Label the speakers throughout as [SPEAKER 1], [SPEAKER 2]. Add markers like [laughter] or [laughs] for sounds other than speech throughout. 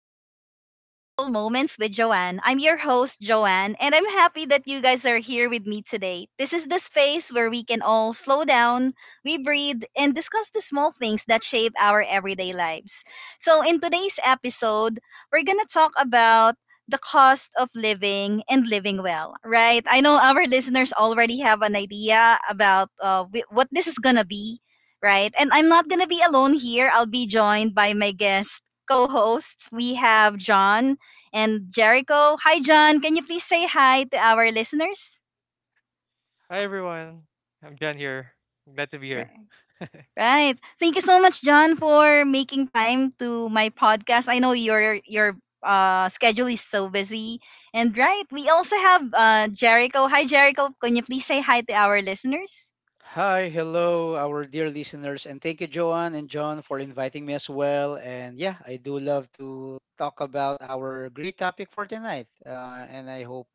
[SPEAKER 1] and welcome to Mindful Moments with Joanne. I'm your host, Joanne, and I'm happy that you guys are here with me today. This is the space where we can all slow down, we breathe, and discuss the small things that shape our everyday lives. So, in today's episode, we're going to talk about the cost of living and living well, right? I know our listeners already have an idea about what this is going to be. Right. And I'm not going to be alone here. I'll be joined by my guest, co-hosts, we have John and Jericho. Hi, John. Can you please say hi to our listeners?
[SPEAKER 2] Hi everyone. I'm John here. I'm glad to be
[SPEAKER 1] Right.
[SPEAKER 2] here.
[SPEAKER 1] Right. Thank you so much, John, for making time to my podcast. I know your schedule is so busy. And right, we also have Jericho. Hi, Jericho. Can you please say hi to our listeners?
[SPEAKER 3] Hi, hello, our dear listeners, and thank you, Joanne and John, for inviting me as well. And yeah, I do love to talk about our great topic for tonight. And I hope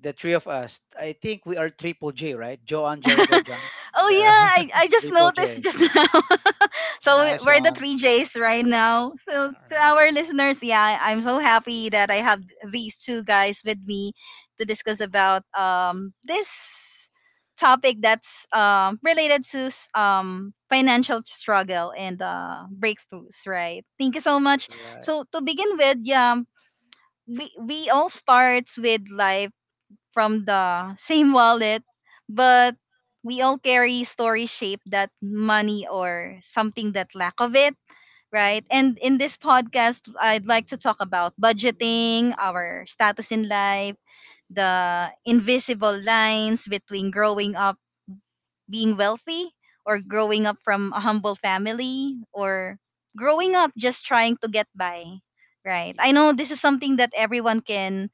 [SPEAKER 3] the three of us, I think we are triple J, right? Joanne,
[SPEAKER 1] [laughs] Oh
[SPEAKER 3] Jericho,
[SPEAKER 1] yeah,
[SPEAKER 3] John,
[SPEAKER 2] Yeah.
[SPEAKER 1] I,
[SPEAKER 2] [laughs]
[SPEAKER 1] I just
[SPEAKER 3] triple
[SPEAKER 1] noticed
[SPEAKER 3] J.
[SPEAKER 1] just now. [laughs] So
[SPEAKER 3] Nice
[SPEAKER 1] we're the
[SPEAKER 3] one.
[SPEAKER 1] three J's right now. So to
[SPEAKER 3] All
[SPEAKER 1] our listeners, yeah, I'm so happy that I have these two guys with me to discuss about this topic that's related to financial struggle and breakthroughs, right? Thank you so much.
[SPEAKER 3] right.
[SPEAKER 1] So to begin with, yeah, we all starts with life from the same wallet, but we all carry story shape that money or something that lack of it, right? And in this podcast, I'd like to talk about budgeting, our status in life, the invisible lines between growing up being wealthy or growing up from a humble family or growing up just trying to get by, right?
[SPEAKER 3] Yeah.
[SPEAKER 1] I know this is something that everyone can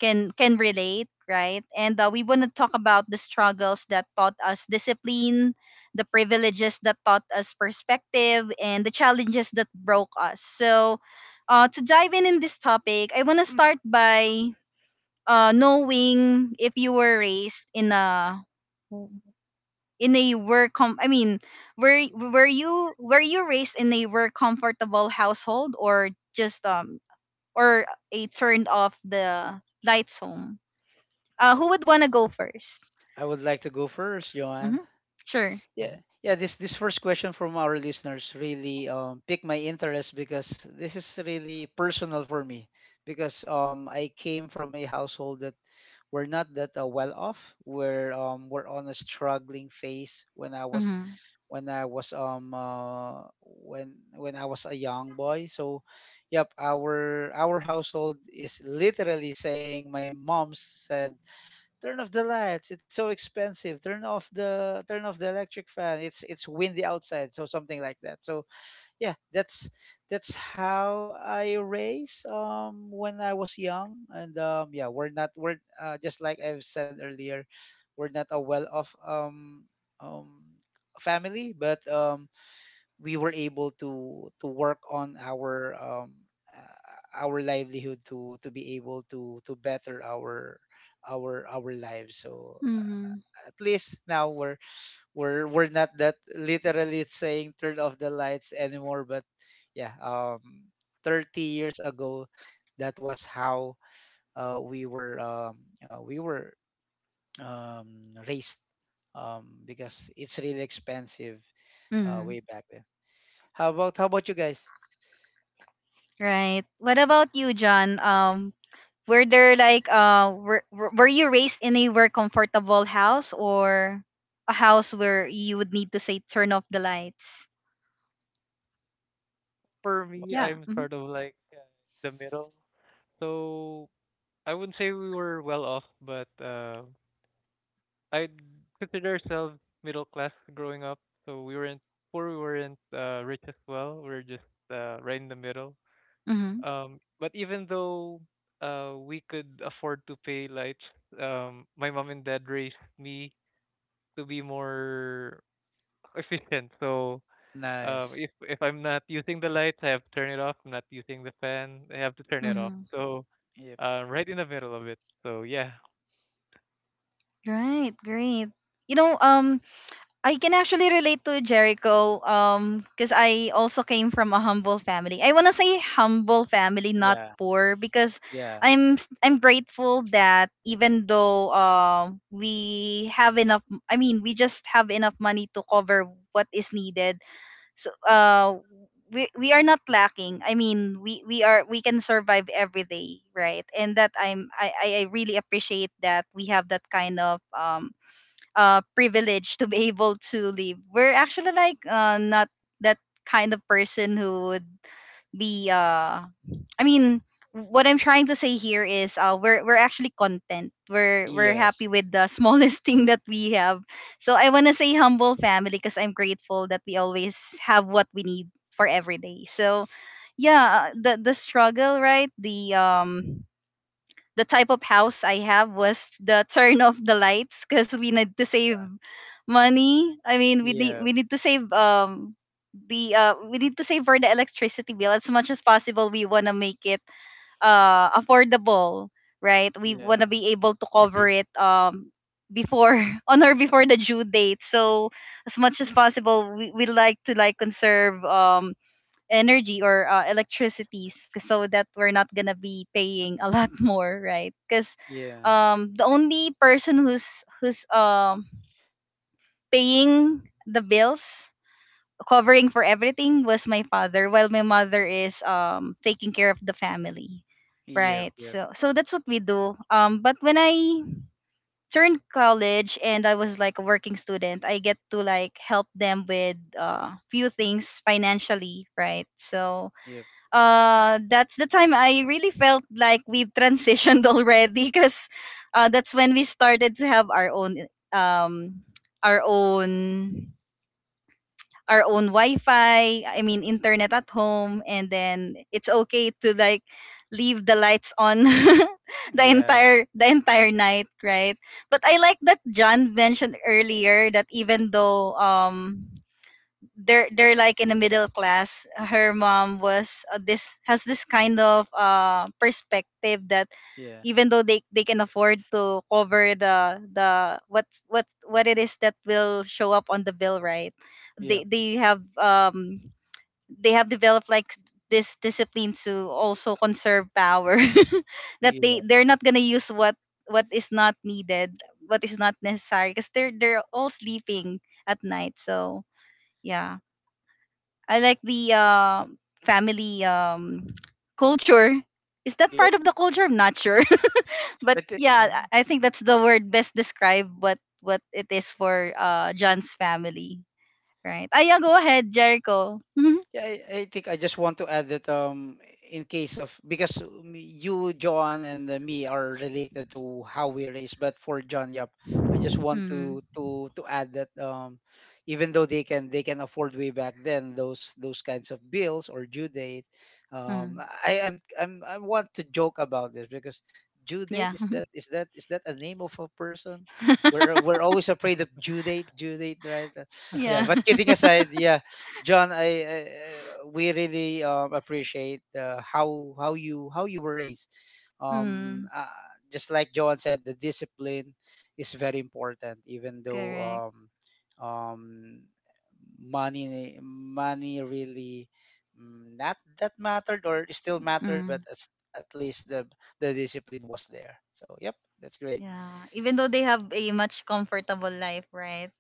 [SPEAKER 1] can relate, right? And we want to talk about the struggles that taught us discipline, the privileges that taught us perspective, and the challenges that broke us. So to dive in this topic, I want to start by knowing if you were raised in a were com I mean, were you, were you raised in a were comfortable household or just or a turned off the lights home? Who would wanna go first?
[SPEAKER 3] I would like to go first, Joanne.
[SPEAKER 1] Mm-hmm. Sure.
[SPEAKER 3] Yeah,
[SPEAKER 2] Mhm.
[SPEAKER 3] yeah. This first question from our listeners really piqued my interest because this is really personal for me because I came from a household that we're not that well off. We're on a struggling phase when
[SPEAKER 1] Mm-hmm.
[SPEAKER 3] I was when I was a young boy. So, yep, our household is literally saying, my mom said, turn off the lights, it's so expensive, turn off the, turn off the electric fan, it's windy outside, so something like that. So yeah, that's how I raise when I was young. And yeah, we're not we're just like I've said earlier, we're not a well off um family, but we were able to work on our livelihood, to be able to better our our lives. So
[SPEAKER 1] Mm-hmm.
[SPEAKER 3] at least now we're not that literally saying turn off the lights anymore. But yeah, 30 years ago, that was how uh, we were um, we were um, raised, because it's really expensive
[SPEAKER 1] Mm-hmm.
[SPEAKER 3] way back then. How about you guys?
[SPEAKER 1] Right. What about you, John? Were there like were you raised in a were comfortable house or a house where you would need to say turn off the lights?
[SPEAKER 2] For me,
[SPEAKER 1] Yeah.
[SPEAKER 2] I'm
[SPEAKER 1] Mm-hmm.
[SPEAKER 2] sort of like the middle. So I wouldn't say we were well off, but I consider ourselves middle class growing up. So we weren't poor, we weren't rich as well. We were just right in the middle. But even though we could afford to pay lights, my mom and dad raised me to be more [laughs] efficient. So,
[SPEAKER 3] Nice.
[SPEAKER 2] if I'm not using the lights, I have to turn it off. I'm not using the fan, I have to turn it off.
[SPEAKER 1] Mm-hmm.
[SPEAKER 2] So,
[SPEAKER 3] Yep.
[SPEAKER 2] right in the middle of it. So yeah,
[SPEAKER 1] Right, great. You know, I can actually relate to Jericho, because I also came from a humble family. I wanna say humble family, not
[SPEAKER 3] Yeah.
[SPEAKER 1] poor, because
[SPEAKER 3] Yeah.
[SPEAKER 1] I'm grateful that even though we have enough, I mean, we just have enough money to cover what is needed. So we are not lacking. I mean, we are, we can survive every day, right? And that I'm I really appreciate that we have that kind of privilege to be able to live. We're actually like not that kind of person who would be I mean, what I'm trying to say here is we're actually content. We're happy
[SPEAKER 3] Yes.
[SPEAKER 1] with the smallest [laughs] thing that we have. So I wanna say humble family because I'm grateful that we always have what we need for every day. So yeah, the struggle, right? The type of house I have was the turn off the lights because we need to save money. I mean,
[SPEAKER 3] Yeah.
[SPEAKER 1] we need to save the we need to save for the electricity bill as much as possible. We wanna make it affordable, right? We wanna
[SPEAKER 3] Yeah.
[SPEAKER 1] be able to cover
[SPEAKER 2] agree.
[SPEAKER 1] it before [laughs] on or before the due date. So as much as possible, we like to like conserve energy or electricities so that we're not gonna be paying a lot [laughs] more, right? Because
[SPEAKER 3] Yeah.
[SPEAKER 1] the only person who's paying the bills, covering for everything, was my father, while my mother is taking care of the family,
[SPEAKER 3] Yep.
[SPEAKER 1] right?
[SPEAKER 3] Yep.
[SPEAKER 1] So so that's what we do. Um, but when I turned college and I was like a working student, I get to like help them with few things financially, right? So
[SPEAKER 3] Yep.
[SPEAKER 1] that's the time I really felt like we've transitioned [laughs] already, because that's when we started to have um our own our own Wi-Fi, I mean internet at home, and then it's okay to like leave the lights on [laughs]
[SPEAKER 3] Yeah.
[SPEAKER 1] the entire night, right? But I like that John mentioned earlier that even though they're like in the middle class, her mom was this has this kind of perspective that
[SPEAKER 3] Yeah.
[SPEAKER 1] even though they can afford to cover the what it is that will show up on the bill, right? They
[SPEAKER 3] Yep.
[SPEAKER 1] they have developed like this discipline to also conserve power [laughs] that
[SPEAKER 3] Yeah.
[SPEAKER 1] they're not gonna use what is not needed, what is not necessary, because they're all sleeping at night. So yeah, I like the family [tsk] culture. Is that
[SPEAKER 3] Yep.
[SPEAKER 1] part of the culture? I'm not sure, [laughs] but
[SPEAKER 3] I think.
[SPEAKER 1] yeah, I think that's the word best describe what it is for John's family, right? Ah, yeah, go ahead, Jericho. [laughs]
[SPEAKER 3] Yeah, I think I just want to add that, in case of, because you, John, and me are related to how we raise. But for John, yep, I just want
[SPEAKER 1] Hmm.
[SPEAKER 3] to to add that, even though they can afford way back then those kinds of bills or due date, um,
[SPEAKER 1] Hmm.
[SPEAKER 3] I I want to joke about this because due date,
[SPEAKER 1] Yeah.
[SPEAKER 3] is that a name of a person?
[SPEAKER 1] [laughs]
[SPEAKER 3] We're always afraid of due date, right? Yeah,
[SPEAKER 1] Yeah.
[SPEAKER 3] but
[SPEAKER 1] [laughs]
[SPEAKER 3] kidding aside, yeah, John, we really appreciate how you how you were raised. Um,
[SPEAKER 1] Mm,
[SPEAKER 3] uh, just like John said, the discipline is very important. Even though
[SPEAKER 1] correct.
[SPEAKER 3] um, um, money really, not that mattered, or it still mattered,
[SPEAKER 1] Mm,
[SPEAKER 3] but at least the discipline was there. So yep, that's great.
[SPEAKER 1] yeah, even though they have a much comfortable life, right?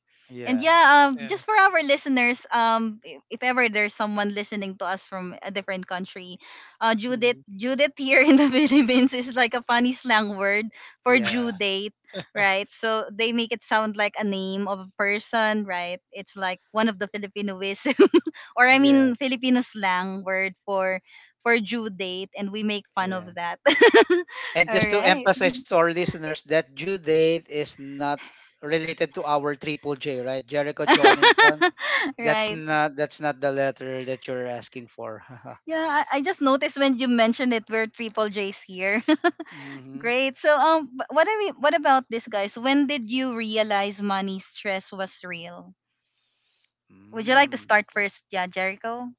[SPEAKER 1] And
[SPEAKER 3] Yeah.
[SPEAKER 1] yeah,
[SPEAKER 2] Yeah.
[SPEAKER 1] just for our listeners, if ever there's someone listening to us from a different country, Judith,
[SPEAKER 3] Hmm.
[SPEAKER 1] Judith here in the [laughs] Philippines is like a funny slang word for due
[SPEAKER 2] [laughs]
[SPEAKER 3] Yeah.
[SPEAKER 1] date, right? So they make it sound like a name of a person, right? It's like one of the Filipinoism, [laughs] or I
[SPEAKER 3] Yeah.
[SPEAKER 1] mean Filipino slang word for due date, and we make fun of
[SPEAKER 3] Yeah.
[SPEAKER 1] that. [laughs] All
[SPEAKER 3] And just to
[SPEAKER 1] right.
[SPEAKER 3] emphasize to our listeners that due date is not related to our triple J, right? Jericho, John, and
[SPEAKER 1] [laughs]
[SPEAKER 3] John. That's
[SPEAKER 1] Right.
[SPEAKER 3] not that's not the letter that you're asking for. [laughs]
[SPEAKER 1] Yeah, I just noticed when you mentioned it, we're triple J's here. [laughs]
[SPEAKER 3] mm-hmm.
[SPEAKER 1] Great. So, what I mean, what about this, guys? When did you realize money stress was real? Would you like to
[SPEAKER 3] Mm.
[SPEAKER 1] start first? Yeah, Jericho.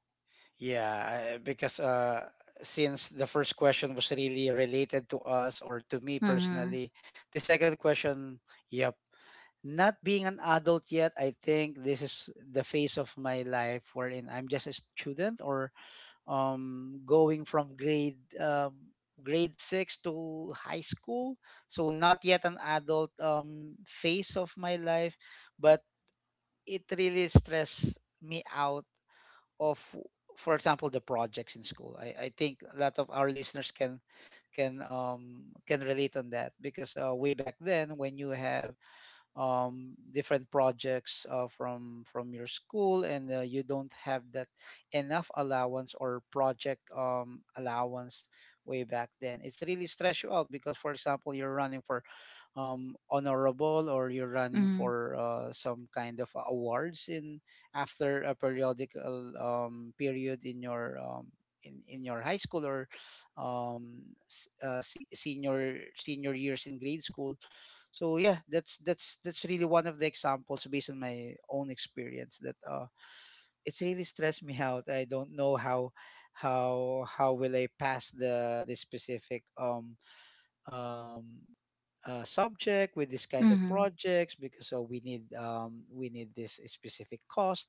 [SPEAKER 3] Because since the first question was really related to us or to me
[SPEAKER 1] Mm-hmm.
[SPEAKER 3] personally, the second question, yep. Not being an adult yet, I think this is the phase of my life wherein I'm just a student, or going from grade six to high school. So not yet an adult phase of my life, but it really stressed me out of, for example, the projects in school. I think a lot of our listeners can can relate on that because way back then, when you have different projects from your school and you don't have that enough allowance or project allowance way back then, it's really stress you out. Because, for example, you're running for honorable, or you're running
[SPEAKER 1] Mm-hmm.
[SPEAKER 3] for some kind of awards in after a periodical period in your in your high school or senior senior years in grade school. So yeah, that's really one of the examples based on my own experience, that it's really stressed me [laughs] out. I don't know how how will I pass the specific um subject with this kind of projects, because we need this specific cost.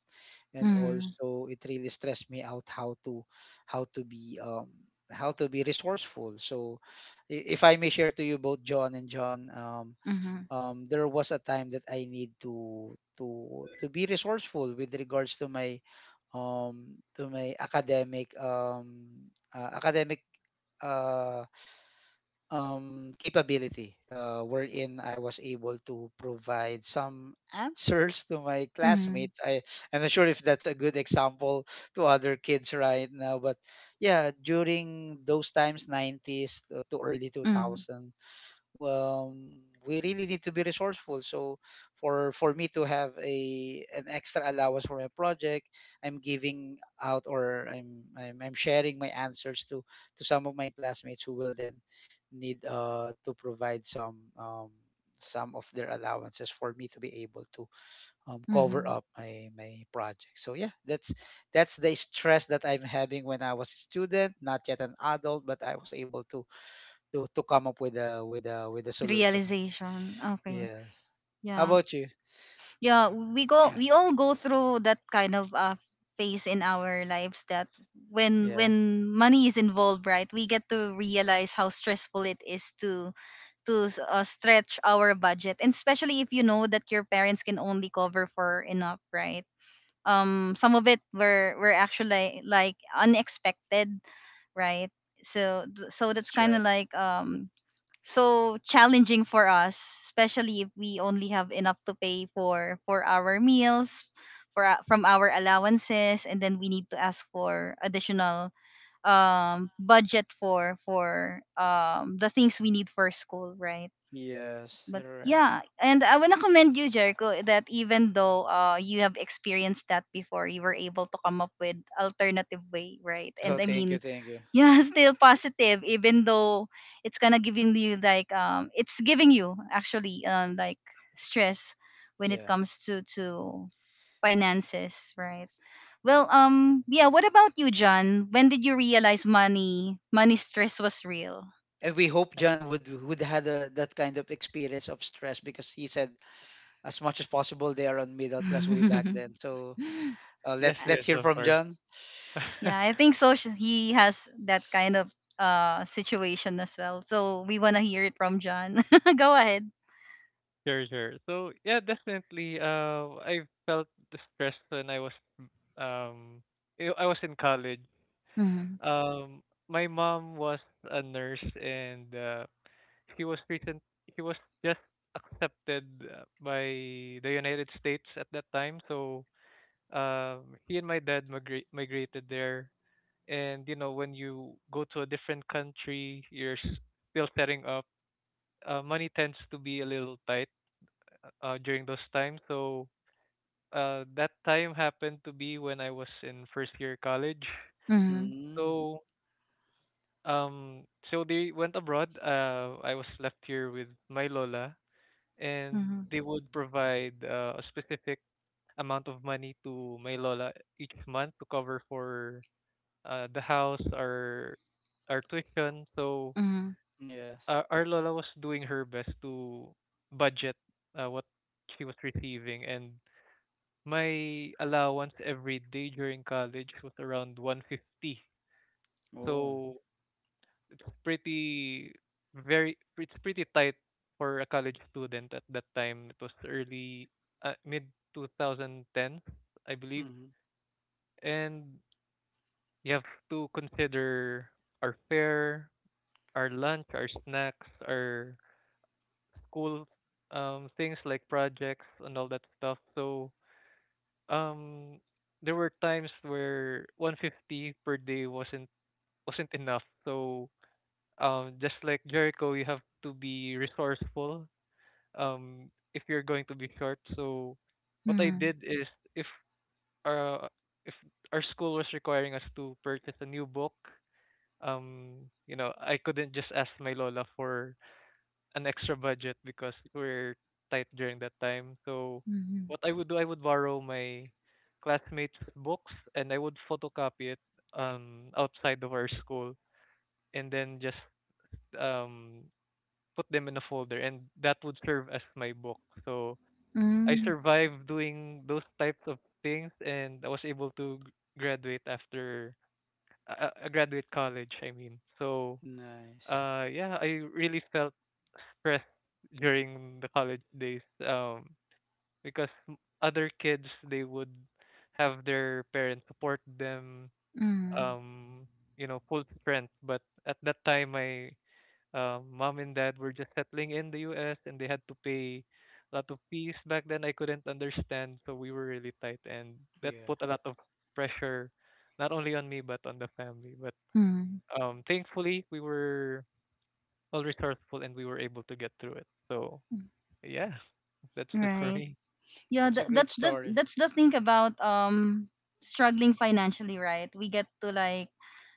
[SPEAKER 3] And
[SPEAKER 1] Mm-hmm.
[SPEAKER 3] also it really stressed me out how to how to be um how to be resourceful. So if I may share to you, both John and John um
[SPEAKER 1] Mm-hmm.
[SPEAKER 3] um, there was a time that I need to to be resourceful with regards to my academic uh capability, wherein I was able to provide some answers to my
[SPEAKER 1] Mm-hmm.
[SPEAKER 3] classmates. I I'm not sure if that's a good example to other kids right now, but yeah, during those times, 90s to early
[SPEAKER 1] Mm-hmm.
[SPEAKER 3] 2000s, um, we really need to be resourceful. So for me to have a an extra allowance for my project, I'm giving out, or I'm sharing my answers to some of my classmates, who will then need to provide some of their allowances for me to be able to cover
[SPEAKER 1] Mm-hmm.
[SPEAKER 3] up my my project. So yeah, that's the stress that I'm having when I was a student, not yet an adult, but I was able to to come up with a with a solution.
[SPEAKER 1] Realization. Okay.
[SPEAKER 3] Yes. How
[SPEAKER 1] Yeah.
[SPEAKER 3] about you?
[SPEAKER 1] Yeah, we go, we all go through that kind of phase in our lives that
[SPEAKER 3] Yeah,
[SPEAKER 1] when money is involved, right? We get to realize how stressful it is to stretch our budget, and especially if you know that your parents can only cover for enough, right? Um, some of it were actually like unexpected, right? So that's
[SPEAKER 3] that's
[SPEAKER 1] kind of
[SPEAKER 3] right.
[SPEAKER 1] like so challenging for us, especially if we only have enough to pay for our meals, for from our allowances, and then we need to ask for additional budget for the things we need for school, right?
[SPEAKER 3] Yes,
[SPEAKER 1] But
[SPEAKER 3] you're right.
[SPEAKER 1] yeah, and I wanna commend you, Jericho, that even though you have experienced that before, you were able to come up with alternative way, right?
[SPEAKER 3] Oh,
[SPEAKER 1] And I
[SPEAKER 3] thank you,
[SPEAKER 1] mean
[SPEAKER 3] thank you.
[SPEAKER 1] yeah, [laughs] still positive even though it's kind of giving you like it's giving you actually like stress when it
[SPEAKER 3] Yeah.
[SPEAKER 1] comes to finances, right? Well, um, yeah, what about you, John? When did you realize money stress was real?
[SPEAKER 3] And we hope John would had a, that kind of experience of stress, because he said as much as possible they are on middle class way back
[SPEAKER 1] [laughs]
[SPEAKER 3] then. So
[SPEAKER 2] Yes,
[SPEAKER 1] Uh,
[SPEAKER 3] let's
[SPEAKER 2] yes,
[SPEAKER 3] hear
[SPEAKER 2] of
[SPEAKER 3] from
[SPEAKER 2] course.
[SPEAKER 3] John.
[SPEAKER 2] [laughs]
[SPEAKER 1] yeah, I think so he has that kind of situation as well, so we want to hear it from John. [laughs] Go ahead.
[SPEAKER 2] Sure, sure. So yeah, definitely. I felt the stress when um, I was in college.
[SPEAKER 1] Mm-hmm.
[SPEAKER 2] Um, my mom was a nurse, and she was recent. He was just accepted by the United States at that time. So he and my dad migrated there. And when you go to a different country, you're still setting up. Money tends to be a little tight during those times. So that time happened to be when I was in first year college.
[SPEAKER 1] Mm-hmm.
[SPEAKER 3] Mm,
[SPEAKER 2] So um, they went abroad. I was left here with my lola, and
[SPEAKER 1] Mm-hmm.
[SPEAKER 2] they would provide a specific amount of money to my lola each month to cover for the house, our tuition. So
[SPEAKER 3] yes.
[SPEAKER 2] our lola was doing her best to budget what she was receiving, and my allowance every day during college was around 150.
[SPEAKER 3] Oh.
[SPEAKER 2] So it's pretty it's pretty tight for a college student at that time. It was early mid 2010, I believe,
[SPEAKER 3] Hmm.
[SPEAKER 2] and you have to consider our fare, our lunch, our snacks, our school things like projects and all that stuff. So um there were times where 150 per day wasn't enough. So just like Jericho, you have to be resourceful if you're going to be short. So what I
[SPEAKER 1] Mm-hmm.
[SPEAKER 2] did is, uh if our school was requiring us to purchase a new book, I couldn't just ask my lola for an extra budget because we're tight during that time. So
[SPEAKER 1] Mm-hmm.
[SPEAKER 2] what I would do, I would borrow my classmates' books and I would photocopy it outside of our school and then just um put them in a folder, and that would serve as my book. So I
[SPEAKER 1] Mm,
[SPEAKER 2] survived doing those types of things, and I was able to graduate after graduate college, I mean. So
[SPEAKER 3] Nice.
[SPEAKER 2] yeah, I really felt stress during the college days because other kids, they would have their parents support them,
[SPEAKER 1] mm,
[SPEAKER 2] um full strength. But at that time, my mom and dad were just settling in the US and they had to pay a lot of fees back then I couldn't understand, so we were really tight, and that
[SPEAKER 3] Yeah.
[SPEAKER 2] put a lot of pressure not only on me but on the family. But
[SPEAKER 1] mm,
[SPEAKER 2] thankfully, we were all resourceful, and we were able to get through it. So yeah, that's it for
[SPEAKER 1] right.
[SPEAKER 2] me.
[SPEAKER 1] Yeah,
[SPEAKER 3] That's
[SPEAKER 1] that,
[SPEAKER 3] a great story.
[SPEAKER 1] that's the thing about struggling financially, right? We get to like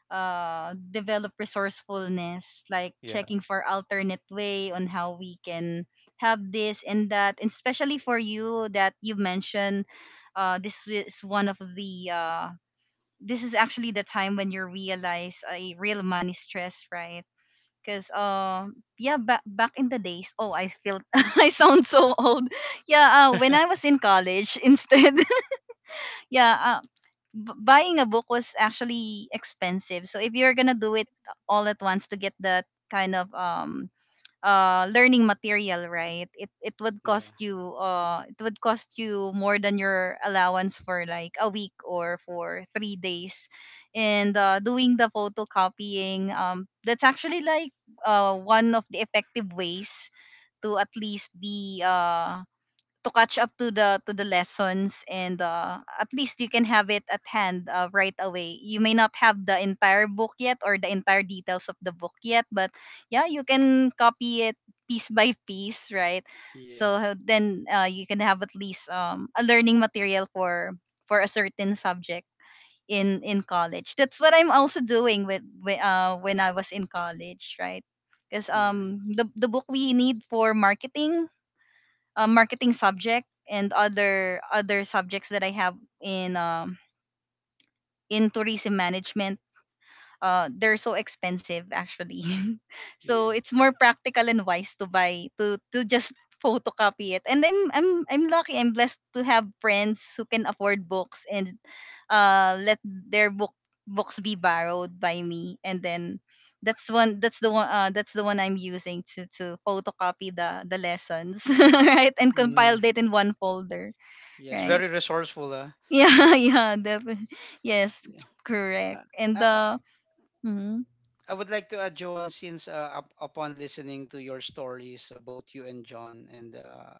[SPEAKER 1] develop resourcefulness, like
[SPEAKER 2] Yeah.
[SPEAKER 1] checking for alternate way on how we can have this and that, and especially for you that you mentioned, this is one of the this is actually the time when you realize a real money stress, right? Cause yeah, back in the days, oh, I feel [laughs] I sound so old. Yeah, when
[SPEAKER 2] [laughs]
[SPEAKER 1] I was in college [laughs] instead [laughs] yeah, buying a book was actually expensive, so if you're gonna do it all at once to get that kind of learning material, right, it would
[SPEAKER 3] Yeah.
[SPEAKER 1] cost you, it would cost you more than your allowance for like a week or for 3 days. And uh, doing the photocopying, that's actually like uh, one of the effective ways to at least be uh, to catch up to the lessons and at least you can have it at hand right away. You may not have the entire book yet or the entire details of the book yet, but yeah, you can copy it piece by piece, right? So
[SPEAKER 3] Yes.
[SPEAKER 1] then you can have at least a learning material for a certain subject in college. That's what I'm also doing with when I was in college, right? Because um,
[SPEAKER 3] Nice.
[SPEAKER 1] the book we need for marketing, marketing subject and other subjects that I have in um, in tourism management uh, they're so expensive actually. [laughs] So
[SPEAKER 3] Yeah.
[SPEAKER 1] it's more practical and wise to buy to just photocopy it. And I'm lucky, I'm blessed to have friends who can afford books and uh, let their books be borrowed by me. And then that's one that's the one that's the one I'm using to photocopy the lessons [laughs] right, and
[SPEAKER 3] Mm,
[SPEAKER 1] compiled it in one folder,
[SPEAKER 3] yes.
[SPEAKER 1] right.
[SPEAKER 3] Very resourceful, huh?
[SPEAKER 1] [laughs] Yeah, yeah, definitely. Yes,
[SPEAKER 3] Yeah. Uh,
[SPEAKER 1] correct. And
[SPEAKER 3] I,
[SPEAKER 1] mm-hmm,
[SPEAKER 3] I would like to add, John, since upon listening to your stories, both you and John, and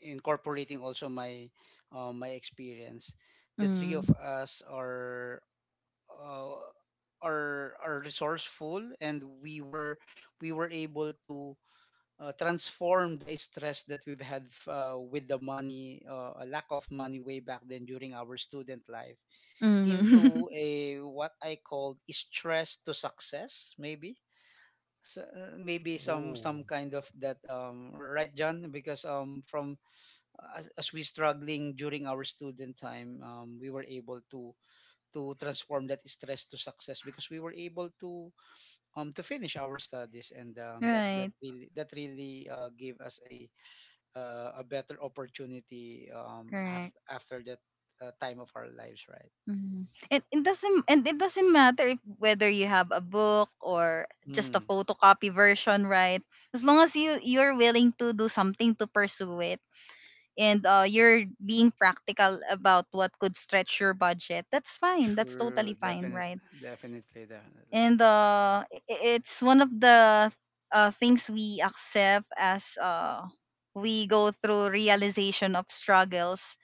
[SPEAKER 3] incorporating also my my experience, the three of
[SPEAKER 1] mm-hmm.
[SPEAKER 3] us are uh, are resourceful, and we were able to transform the stress that we've had with the money, a lack of money way back then during our student life,
[SPEAKER 1] Mhm.
[SPEAKER 3] into
[SPEAKER 1] [laughs]
[SPEAKER 3] a what I call stress to success, maybe. So, maybe
[SPEAKER 2] Ooh.
[SPEAKER 3] some kind of that, right, John? Because from as we struggling during our student time, we were able to transform that stress to success, because we were able to finish our studies. And that that
[SPEAKER 1] Right.
[SPEAKER 3] really gave us a better opportunity
[SPEAKER 1] Correct.
[SPEAKER 3] after after that time of our lives, right?
[SPEAKER 1] Mhm. And it doesn't matter if, whether you have a book or just a
[SPEAKER 3] Hmm.
[SPEAKER 1] photocopy version, right? As long as you're willing to do something to pursue it and you're being practical about what could stretch your budget, that's fine. That's
[SPEAKER 3] True,
[SPEAKER 1] totally fine,
[SPEAKER 3] definite,
[SPEAKER 1] right?
[SPEAKER 3] definitely, definitely.
[SPEAKER 1] And it's one of the things we accept as we go through realization of struggles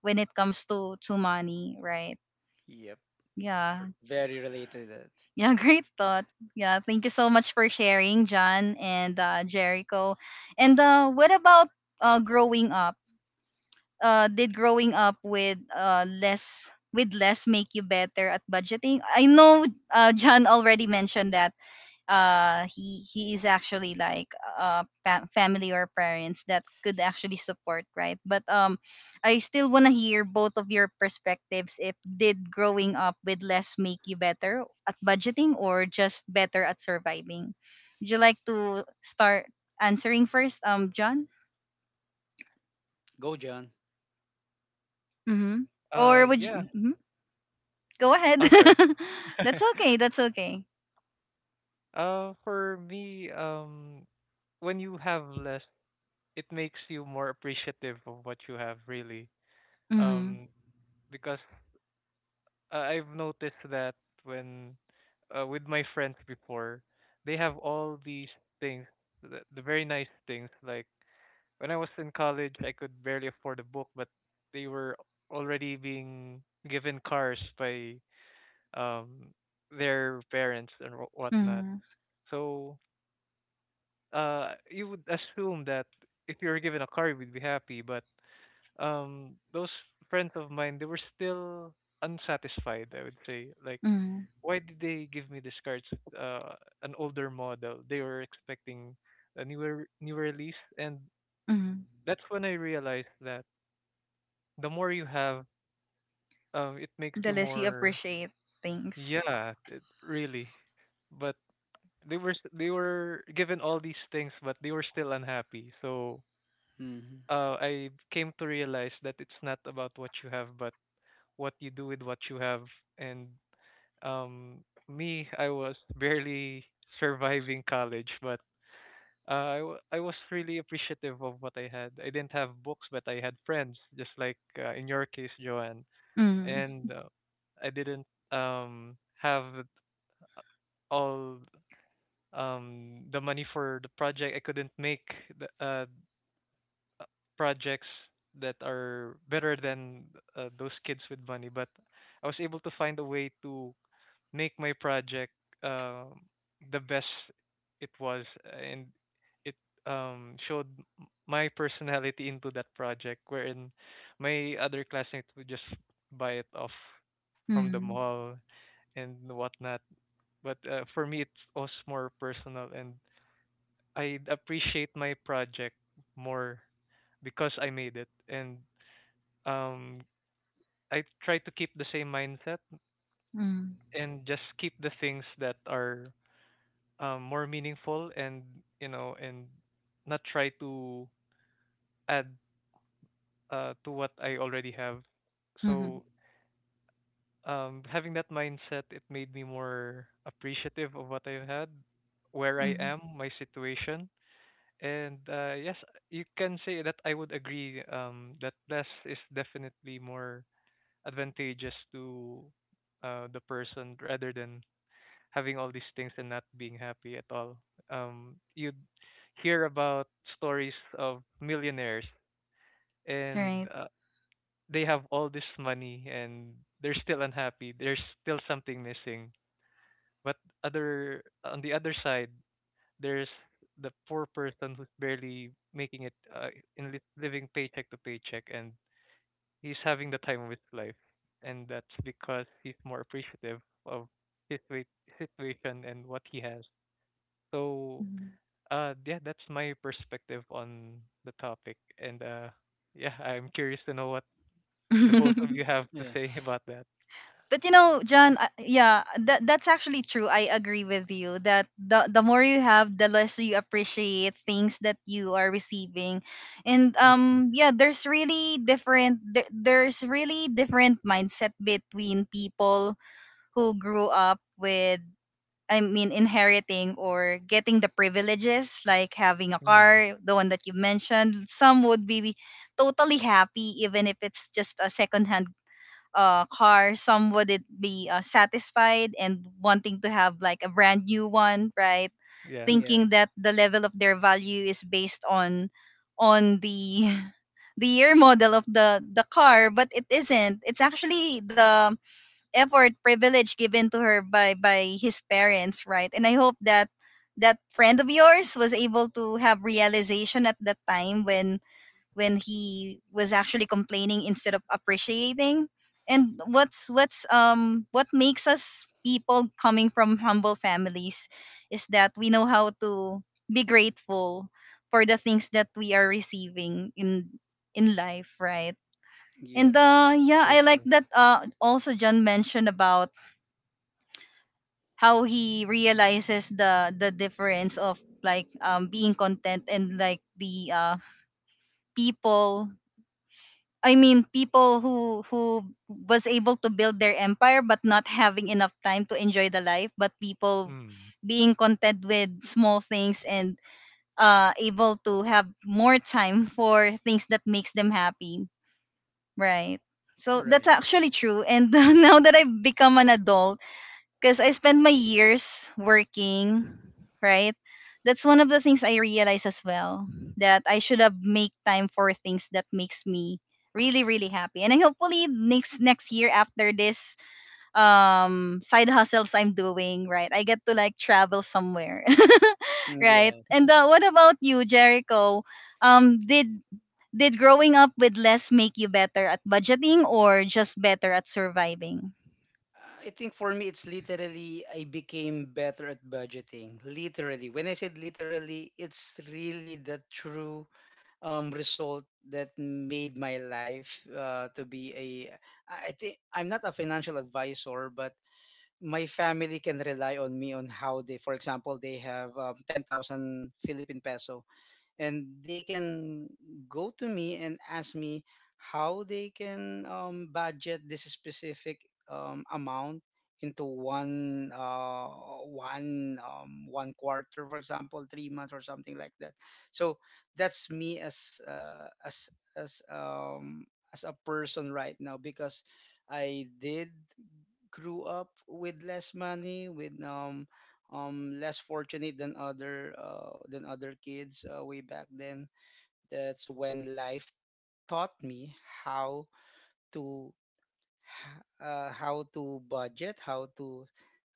[SPEAKER 1] when it comes to money, right?
[SPEAKER 3] Yep,
[SPEAKER 1] Yeah.
[SPEAKER 3] very related to that.
[SPEAKER 1] Yeah, [laughs] great thought. Yeah, thank you so much for sharing, John and Jericho. And what about growing up? Did growing up with less with less make you better at budgeting? I know John already mentioned that, uh, he is actually like uh, family or parents that could actually support, right? But um, I still want to hear both of your perspectives if, did growing up with less make you better at budgeting or just better at surviving? Would you like to start answering first, um, John?
[SPEAKER 3] Go, John.
[SPEAKER 1] Mm-hmm. Or would
[SPEAKER 2] Yeah.
[SPEAKER 1] you, mhm, go ahead.
[SPEAKER 2] I'm sorry.
[SPEAKER 1] [laughs] That's okay,
[SPEAKER 2] [laughs]
[SPEAKER 1] that's okay.
[SPEAKER 2] For me, when you have less, it makes you more appreciative of what you have, really.
[SPEAKER 1] Mm-hmm.
[SPEAKER 2] Um, because I've noticed that when with my friends before, they have all these things, the very nice things, like, when I was in college, I could barely afford a book, but they were already being given cars by um their parents and whatnot.
[SPEAKER 1] Mm-hmm.
[SPEAKER 2] So you would assume that if you were given a car, you would be happy. But those friends of mine, they were still unsatisfied. I would say, like,
[SPEAKER 1] Mm-hmm.
[SPEAKER 2] why did they give me this car? It's an older model. They were expecting a newer release, and that's when I realized that the more you have, it makes
[SPEAKER 1] The
[SPEAKER 2] you
[SPEAKER 1] less you
[SPEAKER 2] more.
[SPEAKER 1] appreciate things.
[SPEAKER 2] Yeah, it really. But they were given all these things, but they were still unhappy. So
[SPEAKER 3] Hmm.
[SPEAKER 2] I came to realize that it's not about what you have, but what you do with what you have. And um, me, I was [laughs] barely surviving college, but I was really appreciative of what I had. I didn't have books, but I had friends, just like in your case, Joanne. And I didn't have all the money for the project. I couldn't make the uh, projects that are better than those kids with money, but I was able to find a way to make my project um the best it was, and it showed my personality into that project, wherein my other classmates would just buy it off from the
[SPEAKER 1] Mm,
[SPEAKER 2] mall and whatnot. But for me, it's also more personal, and I appreciate my project more because I made it. And um I try to keep the same mindset
[SPEAKER 1] mm,
[SPEAKER 2] and just keep the things that are more meaningful and, and not try to add to what I already have.
[SPEAKER 1] mhm,
[SPEAKER 2] So having that mindset, it made me more appreciative of what I've had, where I
[SPEAKER 1] mhm.
[SPEAKER 2] am, my situation, and yes, you can say that I would agree that less is definitely more advantageous to the person rather than having all these things and not being happy at all. You'd hear about stories of millionaires, and
[SPEAKER 1] Right.
[SPEAKER 2] they have all this money, and they're still unhappy. There's still something missing. But other on the other side, there's the poor person who's barely making it, living paycheck to paycheck, and he's having the time of his life, and that's because he's more appreciative of his situation and what he has. So
[SPEAKER 1] Mhm.
[SPEAKER 2] Yeah, that's my perspective on the topic, and yeah, I'm curious to know what the both of you
[SPEAKER 1] [laughs]
[SPEAKER 2] have to
[SPEAKER 3] Yeah,
[SPEAKER 2] say [laughs] about that.
[SPEAKER 1] But you know, John, yeah, that that's actually true. I agree with you that the more you have, the less you appreciate things that you are receiving. And
[SPEAKER 2] Mm.
[SPEAKER 1] yeah, there's really different, there's really different mindset between people who grew up with, I mean, inheriting or getting the privileges, like having a
[SPEAKER 2] Mm.
[SPEAKER 1] car, the one that you mentioned. Some would be totally happy, even if it's just a secondhand car. Some would it be satisfied and wanting to have like a brand new one, right?
[SPEAKER 2] Yeah,
[SPEAKER 3] yeah,
[SPEAKER 1] Thinking that the level of their value is based on the [laughs] the year model of the car, but it isn't. It's actually the effort privilege given to her by his parents, right? And I hope that that friend of yours was able to have realization at that time, when he was actually complaining instead of appreciating. And what makes us people coming from humble families is that we know how to be grateful for the things that we are receiving in life, right? And
[SPEAKER 3] yep,
[SPEAKER 1] uh, yeah,
[SPEAKER 2] so
[SPEAKER 1] I like
[SPEAKER 2] true.
[SPEAKER 1] that uh, also John mentioned about how he realizes the difference of like um, being content, and like the uh, people, I mean people who was able to build their empire but not having enough time to enjoy the life, but people
[SPEAKER 2] Mm.
[SPEAKER 1] being content with small things and uh, able to have more time for things that makes them happy, right? So that's
[SPEAKER 3] right.
[SPEAKER 1] actually true. And [laughs] now that I've become an adult, because I spent my years working, right? That's one of the things I realized as well, that I should have make time for things that makes me really really happy. And I hopefully next year, after this um, side hustles I'm doing, right, I get to like travel somewhere. [laughs]
[SPEAKER 3] Mm,
[SPEAKER 1] Right?
[SPEAKER 3] yeah.
[SPEAKER 1] And what about you, Jericho? Um, did growing up with less make you better at budgeting or just better at surviving?
[SPEAKER 3] I think for me, it's literally I became better at budgeting. Literally, when I said literally, it's really the true result that made my life to be a. I think I'm not a financial advisor, but my family can rely on me on how they, for example, they have 10,000 Philippine peso, and they can go to me and ask me how they can budget this specific amount into one one quarter, for example, 3 months or something like that. So that's me as as um a person right now, because I did grew up with less money, with less fortunate than other kids way back then. That's when life taught me how to how to budget,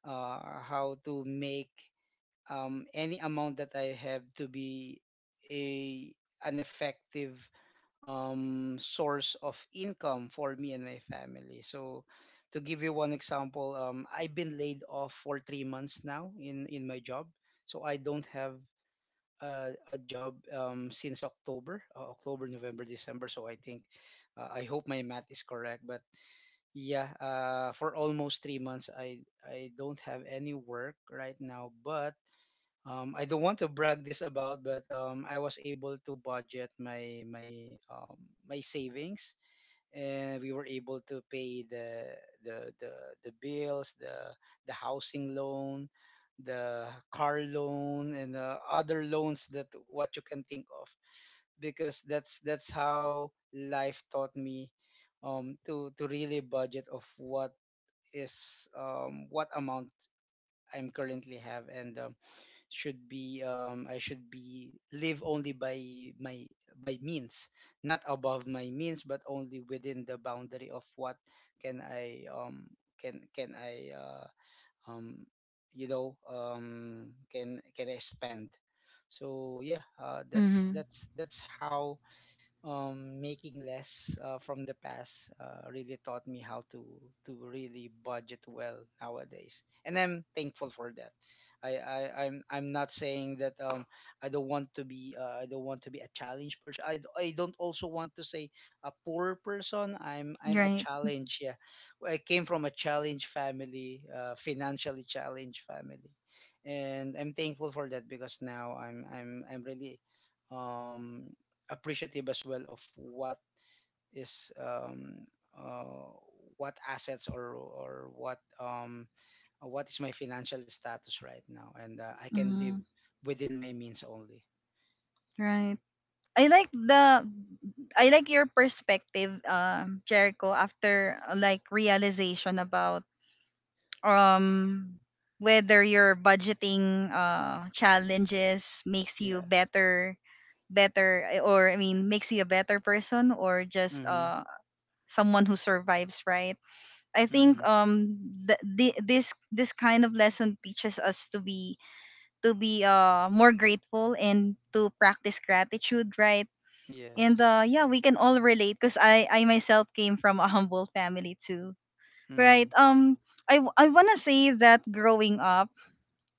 [SPEAKER 3] how to make any amount that I have to be a an effective source of income for me and my family. So, to give you one example, I've been laid off for 3 months now in my job. So I don't have a job since October, October, November, December. So I think, I hope my math is correct, but yeah, for almost 3 months, I don't have any work right now. But I don't want to brag this about, but I was able to budget um, my savings, and we were able to pay the the, the bills, the housing loan, the car loan, and the other loans that what you can think of. Because that's how life taught me, to really budget of what is, what amount I'm currently have. And should be, I should be live only by my by means, not above my means, but only within the boundary of what can I can can I uh, um you know, can I spend. So yeah,
[SPEAKER 1] Mm-hmm.
[SPEAKER 3] that's how making less from the past really taught me how to really budget well nowadays, and I'm thankful for that. I'm not saying that I don't want to be a challenge person. I don't also want to say a poor person. I'm a
[SPEAKER 1] Right.
[SPEAKER 3] challenge. Yeah. Well, I came from a challenge family, financially challenged family, and I'm thankful for that because now I'm really um appreciative as well of is um, uh, what assets or what is my financial status right now, and I can live
[SPEAKER 1] Mm-hmm.
[SPEAKER 3] within my means only.
[SPEAKER 1] Right. I like the I like your perspective, Jericho, after like realization about um, whether your budgeting uh, challenges makes you
[SPEAKER 3] Yeah.
[SPEAKER 1] better, better or I mean makes you a better person, or just
[SPEAKER 3] Mm-hmm.
[SPEAKER 1] uh, someone who survives, right? I think
[SPEAKER 3] Mm-hmm.
[SPEAKER 1] um, this this kind of lesson teaches us to be, to be uh, more grateful and to practice gratitude, right? And
[SPEAKER 3] Yes.
[SPEAKER 1] uh, yeah, we can all relate because I myself came from a [laughs] humble family too,
[SPEAKER 3] Mm-hmm.
[SPEAKER 1] right? I I wanna say that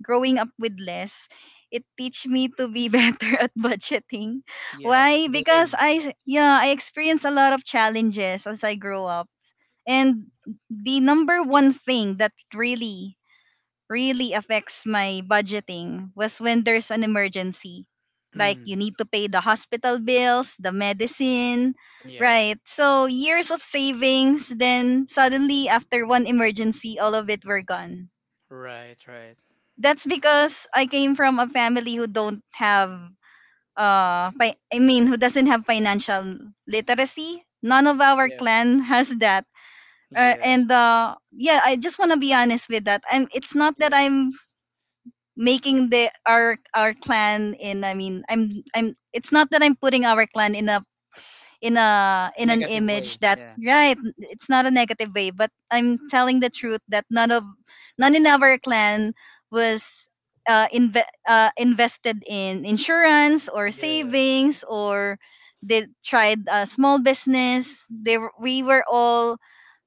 [SPEAKER 1] growing up with less, it teach me to be [laughs] better at budgeting.
[SPEAKER 3] Yes.
[SPEAKER 1] Why?
[SPEAKER 3] We're the
[SPEAKER 1] Because
[SPEAKER 3] same.
[SPEAKER 1] yeah, I experienced a lot of challenges as I grow up. And the number one thing that really, really affects my budgeting was when there's an emergency. Like you
[SPEAKER 3] Mm.
[SPEAKER 1] need to pay the hospital bills, the medicine,
[SPEAKER 3] Yes.
[SPEAKER 1] right? So years of savings, then suddenly after one emergency, all of it were gone.
[SPEAKER 3] Right. Right.
[SPEAKER 1] That's because I came from a family who don't have uh, I mean who doesn't have financial literacy. None of our
[SPEAKER 3] Yep.
[SPEAKER 1] clan [laughs] has that and
[SPEAKER 3] Yes.
[SPEAKER 1] uh, yeah, I just want to be honest with that. I'm, it's not that
[SPEAKER 3] Yep.
[SPEAKER 1] I'm making the our clan in, I mean, I'm it's not that I'm putting our clan in a in an
[SPEAKER 3] Negative
[SPEAKER 1] image
[SPEAKER 3] way.
[SPEAKER 1] that,
[SPEAKER 3] Yeah.
[SPEAKER 1] right, it's not a negative way, but I'm telling the truth that none in our clan was uh, invested in insurance or
[SPEAKER 3] Yeah.
[SPEAKER 1] savings, or they tried a small business. They were- we were all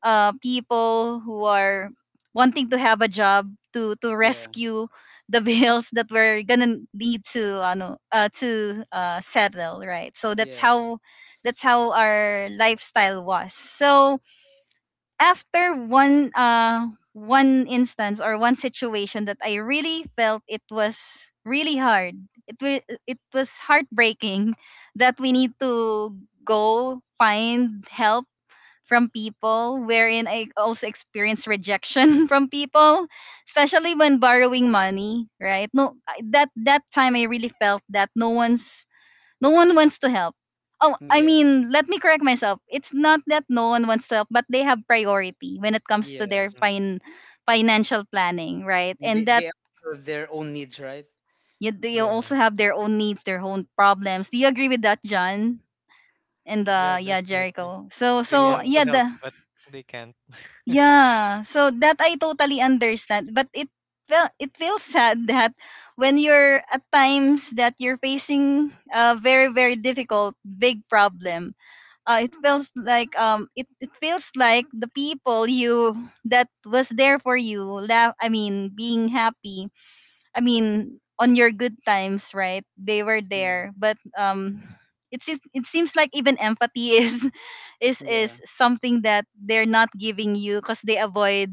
[SPEAKER 1] uh, people who are wanting to have a job to
[SPEAKER 3] Yeah.
[SPEAKER 1] rescue the [laughs] bills that we're gonna need to ano, to settle, right? So that's
[SPEAKER 3] Yes.
[SPEAKER 1] how, that's how our lifestyle was. So after one uh, one instance or one situation that I really felt it was really hard, it was heartbreaking [laughs] that we need to go find help from people, wherein I also experienced rejection [laughs] from people, especially when borrowing money, right? No, that that time I really felt that no one's, no one wants to help. Oh, I
[SPEAKER 3] Yep.
[SPEAKER 1] mean, let me correct myself. It's not that no one wants to help, but they have priority when it comes to their
[SPEAKER 3] Yes.
[SPEAKER 2] Mm.
[SPEAKER 1] financial planning, right?
[SPEAKER 3] And
[SPEAKER 1] And
[SPEAKER 3] they,
[SPEAKER 1] that
[SPEAKER 3] they have their own needs, right?
[SPEAKER 1] you, they
[SPEAKER 2] Yeah,
[SPEAKER 1] also have their own needs, their own problems. Do you agree with that, John? And
[SPEAKER 3] Yeah.
[SPEAKER 2] yeah,
[SPEAKER 1] yeah,
[SPEAKER 2] definitely.
[SPEAKER 1] Jericho. So,
[SPEAKER 2] They
[SPEAKER 1] so
[SPEAKER 2] want
[SPEAKER 3] Yeah.
[SPEAKER 2] to
[SPEAKER 1] yeah,
[SPEAKER 2] help,
[SPEAKER 1] the
[SPEAKER 2] but they can't. [laughs]
[SPEAKER 1] yeah. So that I totally understand, but it felt, it feels sad [laughs] that when you're at times that you're facing a very very difficult big problem, it feels like um, it feels like the people you that was there for you laugh, I mean being happy, I mean on your good times, right, they were
[SPEAKER 3] Yeah,
[SPEAKER 1] there. But um, it seems, it seems like even empathy is [laughs] is
[SPEAKER 3] yeah,
[SPEAKER 1] something that they're not giving you, because they avoid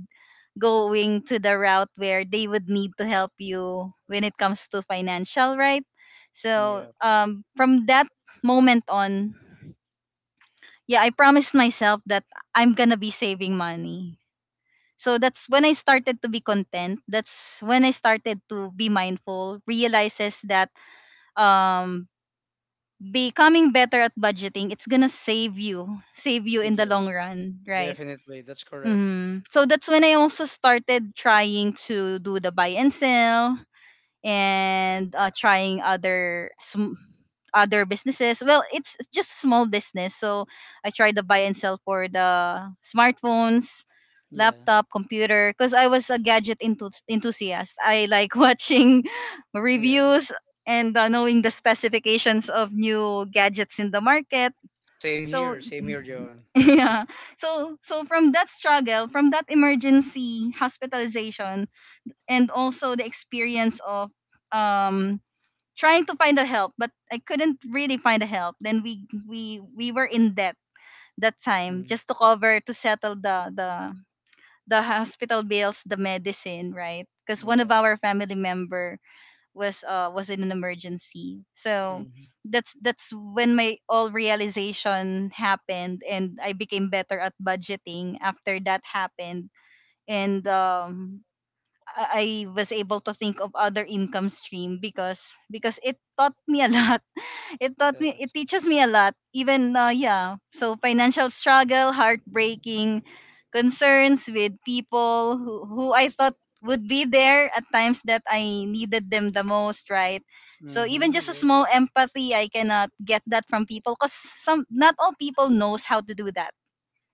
[SPEAKER 1] going to the route where they would need to help you when it comes to financial, right? So
[SPEAKER 3] yeah,
[SPEAKER 1] um, from that moment on, yeah, I promised myself that I'm gonna be saving money. So that's when I started to be content. That's when I started to be mindful, realizes that um, becoming better at budgeting, it's gonna save you in the
[SPEAKER 3] yeah.
[SPEAKER 1] long run, right?
[SPEAKER 3] Definitely, that's correct.
[SPEAKER 1] Mm. So that's when I also started trying to do the buy and sell and trying other other businesses. Well, it's just small business. So I tried to buy and sell for the smartphones,
[SPEAKER 3] Yeah,
[SPEAKER 1] laptop, computer, because I was a gadget enthusiast. I like [laughs] watching
[SPEAKER 3] yeah.
[SPEAKER 1] reviews and knowing the specifications of new gadgets in the market. So
[SPEAKER 3] Same here,
[SPEAKER 2] Mm,
[SPEAKER 3] Joan.
[SPEAKER 1] [laughs]
[SPEAKER 2] they-
[SPEAKER 1] yeah. So so from that struggle, from that emergency hospitalization, and also the experience of um, trying to find a help, but I couldn't really find a help. Then we were in debt that time,
[SPEAKER 3] Mm,
[SPEAKER 1] just to cover to settle the hospital bills, the medicine, right? Because one of
[SPEAKER 3] yeah.
[SPEAKER 1] our family member was uh, was in an emergency. So
[SPEAKER 3] Mm-hmm.
[SPEAKER 1] that's when my all realization happened, and I became better at budgeting after that happened. And um, I was able to think of other income stream, because it taught me a [laughs] lot. It taught me,
[SPEAKER 3] Yes.
[SPEAKER 1] it teaches me a lot, even yeah, so financial struggle, heartbreaking, concerns with people who I thought would be there at times that I needed them the most, right? So even
[SPEAKER 3] Mm-hmm.
[SPEAKER 1] just a
[SPEAKER 3] Yes.
[SPEAKER 1] small empathy I cannot get that from people, because some, not all people knows how to do that.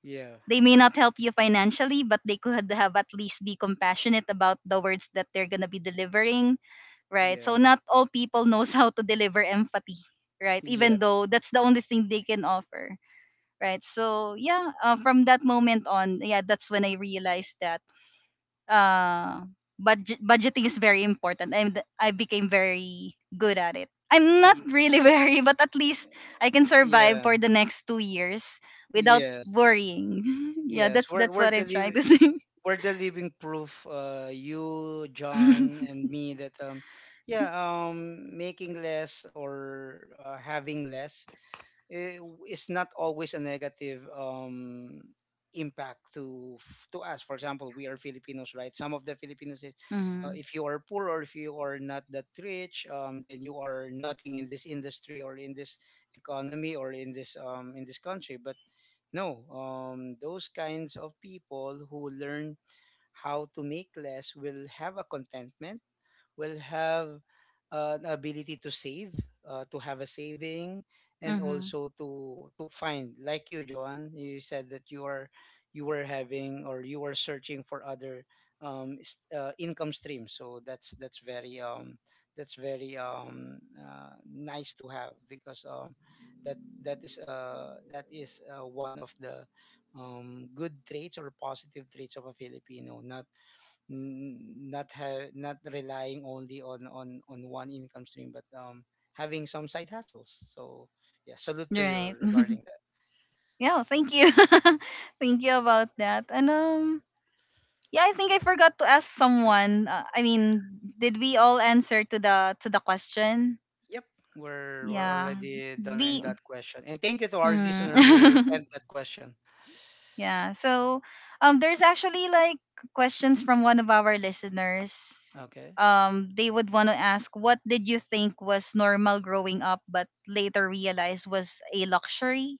[SPEAKER 3] Yeah.
[SPEAKER 1] They may not help you financially, but they could have at least be compassionate about the words that they're going to be delivering, right?
[SPEAKER 3] Yeah.
[SPEAKER 1] So not all people knows [laughs] how to deliver empathy, right? Even
[SPEAKER 3] Yep.
[SPEAKER 1] though that's the only thing they can offer, right? From that moment on, yeah, that's when I realized that uh, budgeting is very important, and I became very good at it. I'm not
[SPEAKER 3] Yeah.
[SPEAKER 1] really [laughs] very, but at least I can survive
[SPEAKER 3] Yeah.
[SPEAKER 1] for the next 2 years without
[SPEAKER 3] Yes.
[SPEAKER 1] worrying. [laughs] Yeah,
[SPEAKER 3] Yes.
[SPEAKER 1] that's that's what I'm trying to say. [laughs]
[SPEAKER 3] We're the living proof. You, John, and me that yeah, making less or having less, eh, is not always a negative impact to us. For example, we are Filipinos, right? Some of the Filipinos, is,
[SPEAKER 1] Mm-hmm.
[SPEAKER 3] If you are poor or if you are not that rich, then you are nothing in this industry or in this economy or in this country. But no, those kinds of people who learn how to make less will have a contentment, will have the ability to save, to have a saving, and
[SPEAKER 1] Mm-hmm.
[SPEAKER 3] also to find. Like you, Joan, you said that you were having or you were searching for other income streams. So that's very nice to have because that is one of the good traits or positive traits of a Filipino. N- Not have not relying only on one income stream, but having some side hustles. So, yeah, salute to you
[SPEAKER 1] Right. [laughs]
[SPEAKER 3] regarding that.
[SPEAKER 1] Yeah, thank you. [laughs] Thank you about that. And yeah, I think I forgot to ask someone. I mean, did we all answer to the question?
[SPEAKER 3] Yep, we're
[SPEAKER 1] Yeah.
[SPEAKER 3] already done in
[SPEAKER 1] We
[SPEAKER 3] that question, and thank you to our listener who
[SPEAKER 1] mm.
[SPEAKER 3] sent that question.
[SPEAKER 1] [laughs] Yeah. So there's actually questions from one of our listeners.
[SPEAKER 3] Okay.
[SPEAKER 1] They would want to ask, what did you think was normal growing up but later realized was a luxury?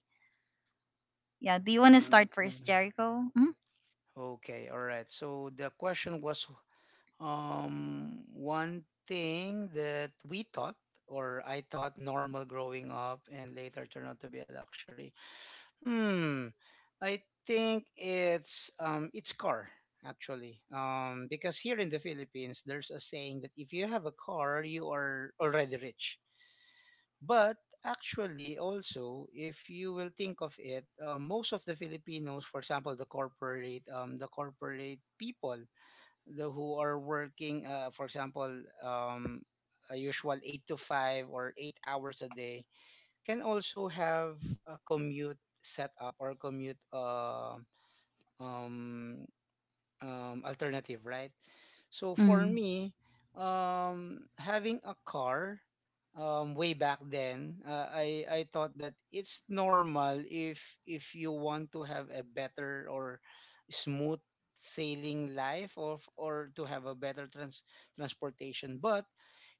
[SPEAKER 1] Yeah, do you want to
[SPEAKER 3] W-
[SPEAKER 1] start first,
[SPEAKER 3] mm,
[SPEAKER 1] Jericho? Mm?
[SPEAKER 3] okay, all right, so the question was one thing that we thought or I thought normal growing up and later turned out to be a luxury. Hmm. I think it's car, actually. Because here in the Philippines, there's a saying that if you have a car, you are already rich. But actually, also, if you will think of it, most of the Filipinos, for example the corporate people, the who are working, for example, um a usual 8 to 5 or 8 hours a day, can also have a commute setup or commute, um, alternative, right? So for
[SPEAKER 1] Mm.
[SPEAKER 3] me, having a car, way back then, I thought that it's normal if you want to have a better or smooth sailing life, or to have a better transportation, but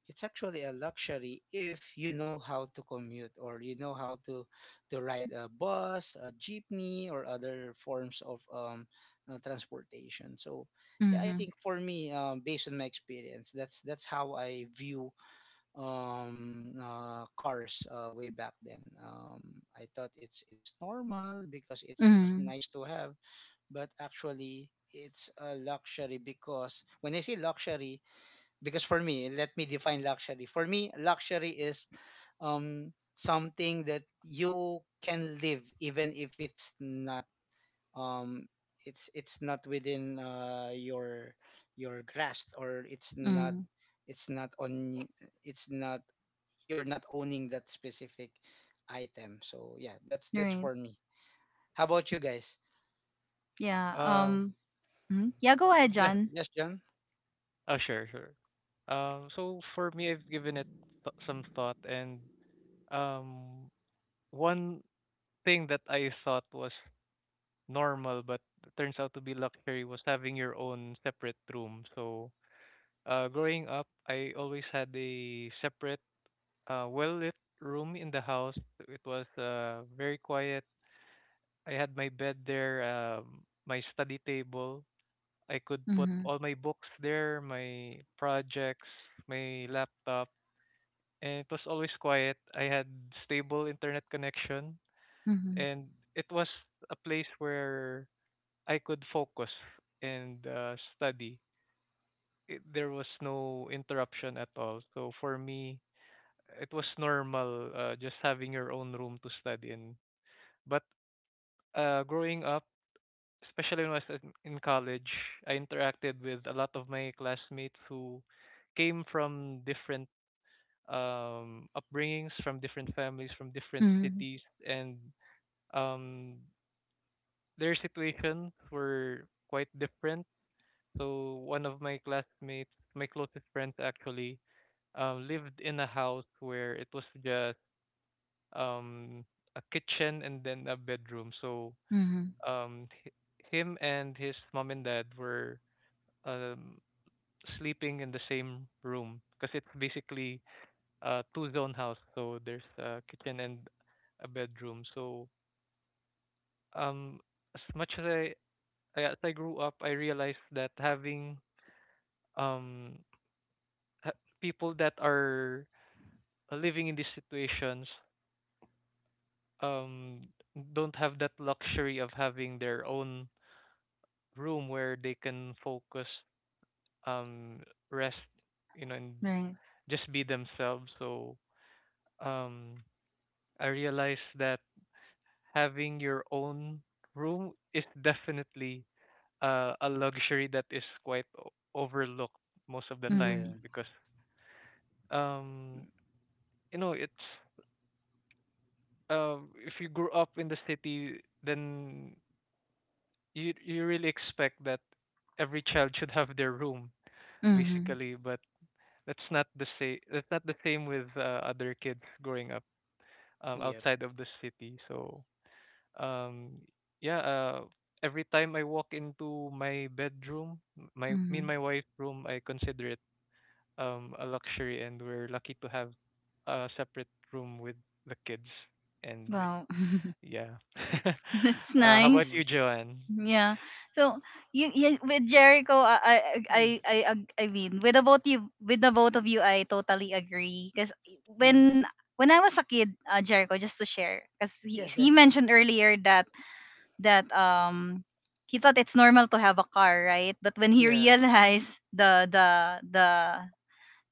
[SPEAKER 3] it's actually a luxury if you know how to commute or you know how to ride a bus, a jeepney, or other forms of transportation. So, yeah, I think
[SPEAKER 1] Mhm.
[SPEAKER 3] for me, based on my experience, that's how I view cars, way back then. I thought it's normal because it's
[SPEAKER 1] Mhm.
[SPEAKER 3] nice to have, but actually it's a luxury because when I say luxury, because for me, let me define luxury. For me, luxury is something that you can live even if it's not, um it's not within your grasp, or
[SPEAKER 1] Mm,
[SPEAKER 3] it's not on it's not, you're not owning that specific item. So, yeah, that's for
[SPEAKER 1] right.
[SPEAKER 3] me. How about you guys?
[SPEAKER 1] Yeah.
[SPEAKER 2] Uh,
[SPEAKER 1] Mhm. Yeah. Go ahead,
[SPEAKER 2] yeah.
[SPEAKER 1] John.
[SPEAKER 3] Yes, John.
[SPEAKER 2] Oh, sure, sure. So for me, I've given it th some thought, and um, one thing that I thought was normal but turns out to be luxury was having your own separate room. So, growing up, I always had a separate, well-lit room in the house. It was very quiet. I had my bed there, my study table. I could put
[SPEAKER 1] Mm-hmm.
[SPEAKER 2] all my books there, my projects, my laptop, and it was always quiet. I had stable internet connection,
[SPEAKER 1] Mm-hmm.
[SPEAKER 2] and it was a place where I could focus and study. There was no interruption at all. So for me, it was normal, just having your own room to study in. But growing up, especially when I was in college, I interacted with a lot of my classmates who came from different upbringings, from different families, from different
[SPEAKER 1] Mm-hmm.
[SPEAKER 2] cities, and um, their situations were quite different. So one of my classmates, my closest friends actually, lived in a house where it was just um a kitchen and then a bedroom. So
[SPEAKER 1] Mm-hmm.
[SPEAKER 2] um h- him and his mom and dad were um sleeping in the same room because it's basically a two zone house. So there's a kitchen and a bedroom. So um as much as I as I grew up, I realized that having um people that are living in these situations um don't have that luxury of having their own room where they can focus, um rest, you know, and
[SPEAKER 1] Right.
[SPEAKER 2] just be themselves. So um I realized that having your own room is definitely a luxury that is quite overlooked most of the times,
[SPEAKER 1] Mm-hmm.
[SPEAKER 3] Yeah.
[SPEAKER 2] because, um it's, if you grew up in the city, then you really expect that every child should have their room
[SPEAKER 1] Mm-hmm.
[SPEAKER 2] basically. But that's not the same with other kids growing up
[SPEAKER 3] Yep.
[SPEAKER 2] outside of the city. So um yeah, every time I walk into my bedroom, m- my me and
[SPEAKER 1] Mm-hmm.
[SPEAKER 2] my wife's room, I consider it a luxury, and we're lucky to have a separate room with the kids. And
[SPEAKER 1] Wow. [laughs]
[SPEAKER 2] yeah. [laughs]
[SPEAKER 1] That's
[SPEAKER 2] How about
[SPEAKER 1] nice.
[SPEAKER 3] Mm,
[SPEAKER 2] you, Joanne?
[SPEAKER 1] Yeah. So you with Jericho,
[SPEAKER 3] yeah, yeah,
[SPEAKER 1] I mean, with the both of you, I totally agree. Because
[SPEAKER 3] yeah.
[SPEAKER 1] when when I was a kid, Jericho, just to share, because he,
[SPEAKER 3] Yeah.
[SPEAKER 1] he mentioned earlier that that he thought it's normal to have a car, right? But when he
[SPEAKER 3] Yeah.
[SPEAKER 1] realized the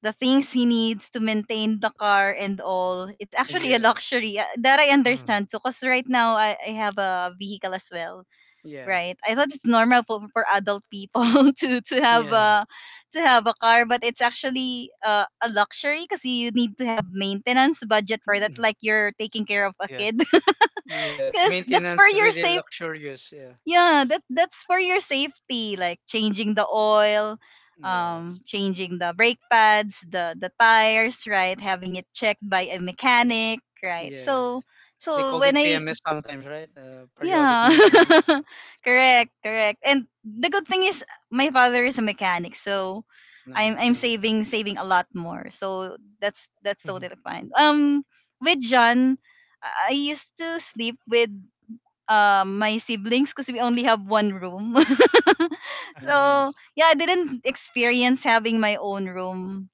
[SPEAKER 1] the things he needs to maintain the car and all, it's actually a
[SPEAKER 3] Yes.
[SPEAKER 1] luxury. That I
[SPEAKER 2] Hmm.
[SPEAKER 1] understand. So, cause right now I have a vehicle as well,
[SPEAKER 3] Yeah.
[SPEAKER 1] right? I thought it's normal for adult people [laughs] to have
[SPEAKER 2] Mm-hmm.
[SPEAKER 3] Yes.
[SPEAKER 1] a car, but it's actually a luxury because you need to have maintenance budget for that, like
[SPEAKER 3] [laughs]
[SPEAKER 1] you're taking care of a kid. [laughs]
[SPEAKER 3] Yes.
[SPEAKER 1] Because that's for
[SPEAKER 3] Maintenance,
[SPEAKER 1] your
[SPEAKER 3] really
[SPEAKER 1] safe
[SPEAKER 3] luxurious. Yeah.
[SPEAKER 1] Yeah, that's for your safety, like changing the oil,
[SPEAKER 3] Yes.
[SPEAKER 1] changing the brake pads, the tires, right? Having it checked by a mechanic, right? so
[SPEAKER 3] Yes. They
[SPEAKER 1] so
[SPEAKER 3] called
[SPEAKER 1] when
[SPEAKER 3] it
[SPEAKER 1] I
[SPEAKER 3] PMS sometimes, right? Periodic
[SPEAKER 1] Yeah.
[SPEAKER 3] maintenance.
[SPEAKER 1] [laughs] Correct, correct. And the good thing is my father is a mechanic, so I'm
[SPEAKER 3] Nice.
[SPEAKER 2] Yes.
[SPEAKER 1] saving a lot more, so that's
[SPEAKER 2] Mhm.
[SPEAKER 1] totally fine. With john I used to sleep with my siblings because we only have one room. [laughs] So
[SPEAKER 3] Nice.
[SPEAKER 1] yeah, I didn't experience having my own room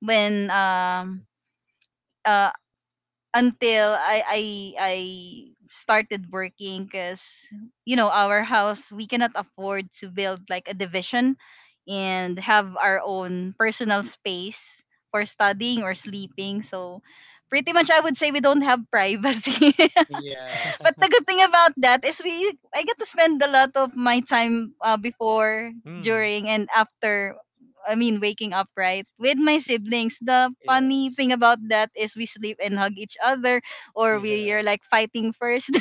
[SPEAKER 1] when uh until I started working, because you know, our house, we cannot afford to build like a division and have our own personal space for studying or sleeping. So pretty much I would say we don't have privacy. [laughs] But
[SPEAKER 3] Yes.
[SPEAKER 1] the
[SPEAKER 2] [laughs]
[SPEAKER 1] good thing about that is we I get to spend a lot of my time before,
[SPEAKER 2] Mm.
[SPEAKER 1] during, and after. I mean, waking up, right, with my siblings. The funny
[SPEAKER 3] Yes.
[SPEAKER 1] thing about that is we sleep and hug each other, or we are
[SPEAKER 3] Yeah.
[SPEAKER 1] like fighting first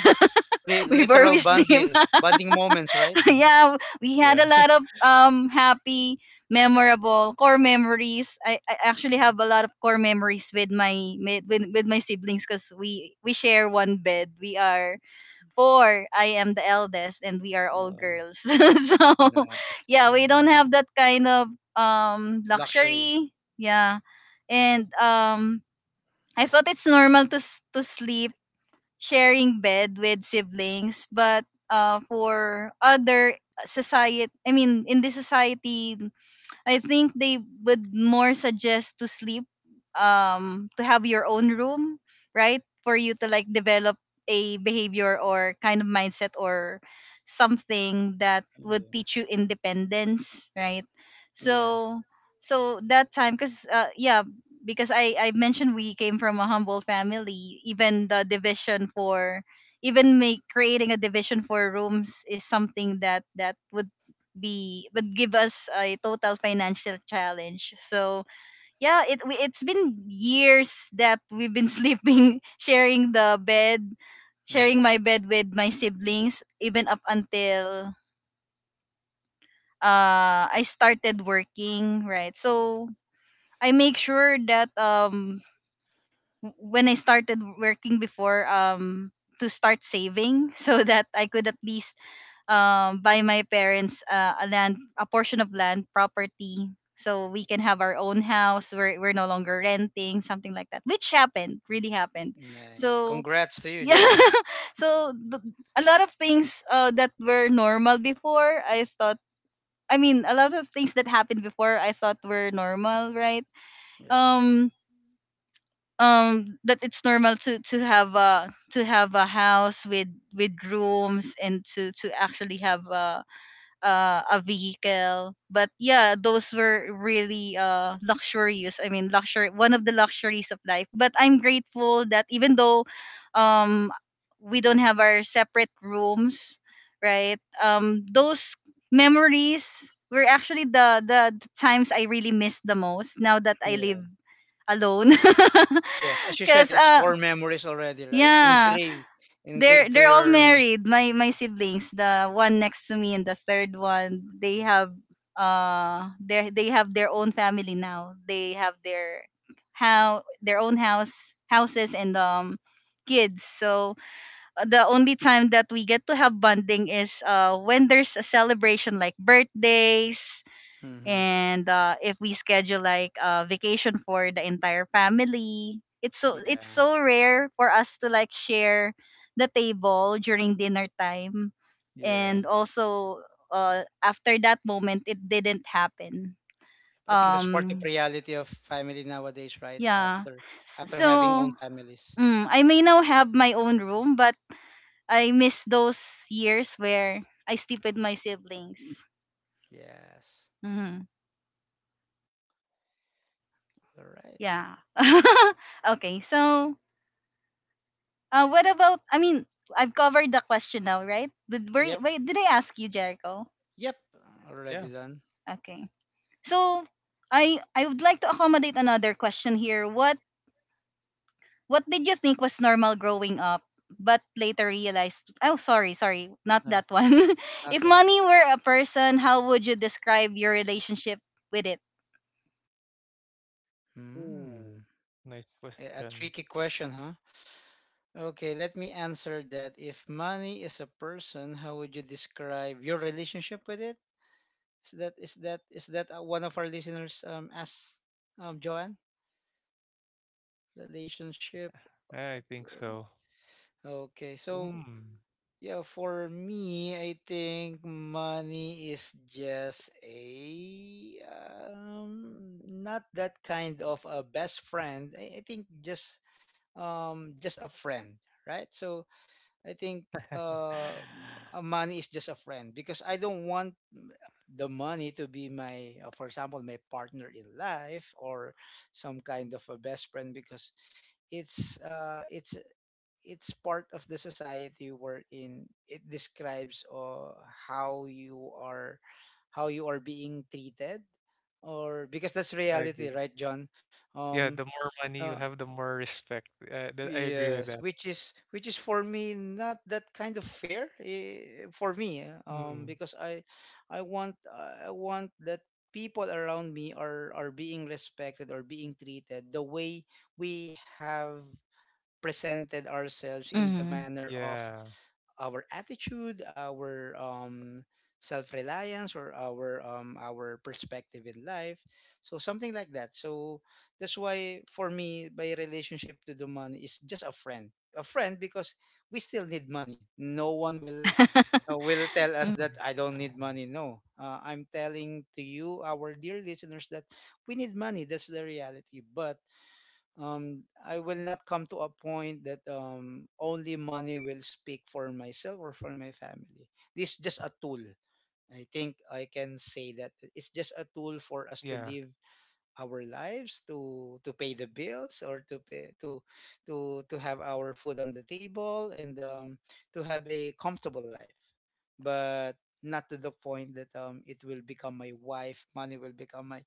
[SPEAKER 1] [laughs] before
[SPEAKER 3] Literal
[SPEAKER 1] we sleep.
[SPEAKER 3] bonding. Bonding moments, right?
[SPEAKER 1] [laughs]
[SPEAKER 2] [laughs]
[SPEAKER 1] Yeah, we had
[SPEAKER 2] Yeah.
[SPEAKER 1] a lot
[SPEAKER 2] [laughs]
[SPEAKER 1] of happy, memorable core memories. I actually
[SPEAKER 3] Mm.
[SPEAKER 1] have a lot of core memories with my with my siblings, because we share one bed. We are four. I am the eldest, and we are all
[SPEAKER 3] Um,
[SPEAKER 1] girls. [laughs] So,
[SPEAKER 3] nah.
[SPEAKER 1] yeah, we don't
[SPEAKER 2] Mm.
[SPEAKER 1] have that kind of
[SPEAKER 3] Luxury.
[SPEAKER 1] luxury. Yeah, and I thought it's normal to sleep sharing bed with siblings, but for other society, I mean, in this society, I think they would more suggest to sleep, to have your own room, right? For you to like develop a behavior or kind of mindset or something that would
[SPEAKER 3] Yeah.
[SPEAKER 1] teach you independence, right?
[SPEAKER 3] Yeah.
[SPEAKER 1] So, so that time, cause yeah, because I mentioned we came from a humble family. Even the division for even make creating a division for rooms is something that would be would give us a total financial challenge. So yeah, it's been years that we've been [laughs] sleeping, sharing the bed, sharing
[SPEAKER 3] Yeah.
[SPEAKER 1] my bed with my siblings, even up until I started working, right?
[SPEAKER 3] Yeah.
[SPEAKER 1] So I make sure that when I started working before to start saving, [laughs] so that I could at least buy my parents a land, a portion of land property, so we can have our own house, we're no longer renting, something like that, which happened really happened.
[SPEAKER 3] Nice.
[SPEAKER 1] so
[SPEAKER 3] Congrats to you,
[SPEAKER 1] yeah
[SPEAKER 3] Joan.
[SPEAKER 1] [laughs] so th- a lot of things that were normal before I thought I mean, a lot of things that happened before I thought were normal, right?
[SPEAKER 3] Yeah.
[SPEAKER 1] um that it's normal to have a house with rooms, and to actually have a vehicle. But yeah, those were really luxurious, I mean luxury, one of the luxuries of life. But I'm grateful that even though um we don't have our separate rooms, right, those memories were actually the times I really miss the most now that I
[SPEAKER 3] Yeah.
[SPEAKER 1] live alone. [laughs]
[SPEAKER 3] Yes, as you
[SPEAKER 1] because
[SPEAKER 3] said, it's core memories already, right?
[SPEAKER 1] Yeah,
[SPEAKER 3] Engraved,
[SPEAKER 1] they're
[SPEAKER 3] engraved to
[SPEAKER 1] all
[SPEAKER 3] your.
[SPEAKER 1] married, my siblings. The one next to me and the third one, they have they have their own family now, they have their how their own houses, and kids. So the only time that we get to have bonding is when there's a celebration, like birthdays,
[SPEAKER 3] Hmm.
[SPEAKER 1] and if we schedule like a vacation for the entire family. It's so,
[SPEAKER 3] Yeah,
[SPEAKER 1] it's so rare for us to like share the table during dinner time,
[SPEAKER 3] yeah.
[SPEAKER 1] and also, after that moment, it didn't happen.
[SPEAKER 3] I think that's part of
[SPEAKER 1] um
[SPEAKER 3] reality of family nowadays, right?
[SPEAKER 1] yeah
[SPEAKER 3] After, after
[SPEAKER 1] So,
[SPEAKER 3] having own families.
[SPEAKER 1] mm, I may now have my own room, but I miss those years where I sleep with my siblings.
[SPEAKER 3] Yes.
[SPEAKER 1] Hmm.
[SPEAKER 3] All right.
[SPEAKER 1] Yeah. [laughs] Okay, so, what about? I mean, I've covered the question now, right?
[SPEAKER 3] Yep.
[SPEAKER 1] Wait, did I ask you, Jericho?
[SPEAKER 3] Yep.
[SPEAKER 2] Yeah.
[SPEAKER 3] Already done.
[SPEAKER 1] Okay. So, I would like to accommodate another question here. What did you think was normal growing up, but later realized? Oh, sorry, sorry, not
[SPEAKER 3] Yeah.
[SPEAKER 1] that one. [laughs] If
[SPEAKER 3] Okay.
[SPEAKER 1] money were a person, how would you describe your relationship with it?
[SPEAKER 3] Hmm.
[SPEAKER 2] Ooh, nice
[SPEAKER 3] A
[SPEAKER 2] question.
[SPEAKER 3] tricky question, huh? Okay, let me answer that. If money is a person, how would you describe your relationship with it? Is that, one of our listeners asked, Joanne, relationship?
[SPEAKER 2] I think so.
[SPEAKER 3] Okay, so,
[SPEAKER 2] Mm.
[SPEAKER 3] yeah, for me, I think money is just a, not that kind of a best friend. I think, just a friend, right? So I think,
[SPEAKER 2] [laughs]
[SPEAKER 3] uh, money is just a friend because I don't want the money to be my, for example, my partner in life or some kind of a best friend because it's uh, it's it's part of the society wherein it describes, how you are how you are being treated, or because that's
[SPEAKER 2] I
[SPEAKER 3] reality,
[SPEAKER 2] agree.
[SPEAKER 3] right, John? Um,
[SPEAKER 2] Yeah, the more money
[SPEAKER 3] uh,
[SPEAKER 2] you have, the more respect. I agree with
[SPEAKER 3] Yes,
[SPEAKER 2] that.
[SPEAKER 3] which is, for me, not that kind of fair, for me,
[SPEAKER 2] Mm.
[SPEAKER 3] because I want, that people around me are being respected or being treated the way we have presented ourselves in the
[SPEAKER 1] Mm-hmm.
[SPEAKER 3] manner of
[SPEAKER 2] Yeah.
[SPEAKER 3] our attitude, our, self-reliance, or our, our perspective in life. So something like that. So that's why for me, my relationship to the money is just a friend, a friend, because we still need money. No one will tell us
[SPEAKER 1] [laughs]
[SPEAKER 3] that I
[SPEAKER 2] [laughs]
[SPEAKER 3] don't need money. No, I'm telling to you, our dear listeners, that we need money. That's the reality. But, I will not come to a point that, only money will speak for myself or for my family. This is just a tool. I think I can say that it's just a tool for us to
[SPEAKER 2] Yeah.
[SPEAKER 3] live our lives, to pay the bills, or to have our food on the table, and, to have a comfortable life, but not to the point that, it will become my wife. Money will become my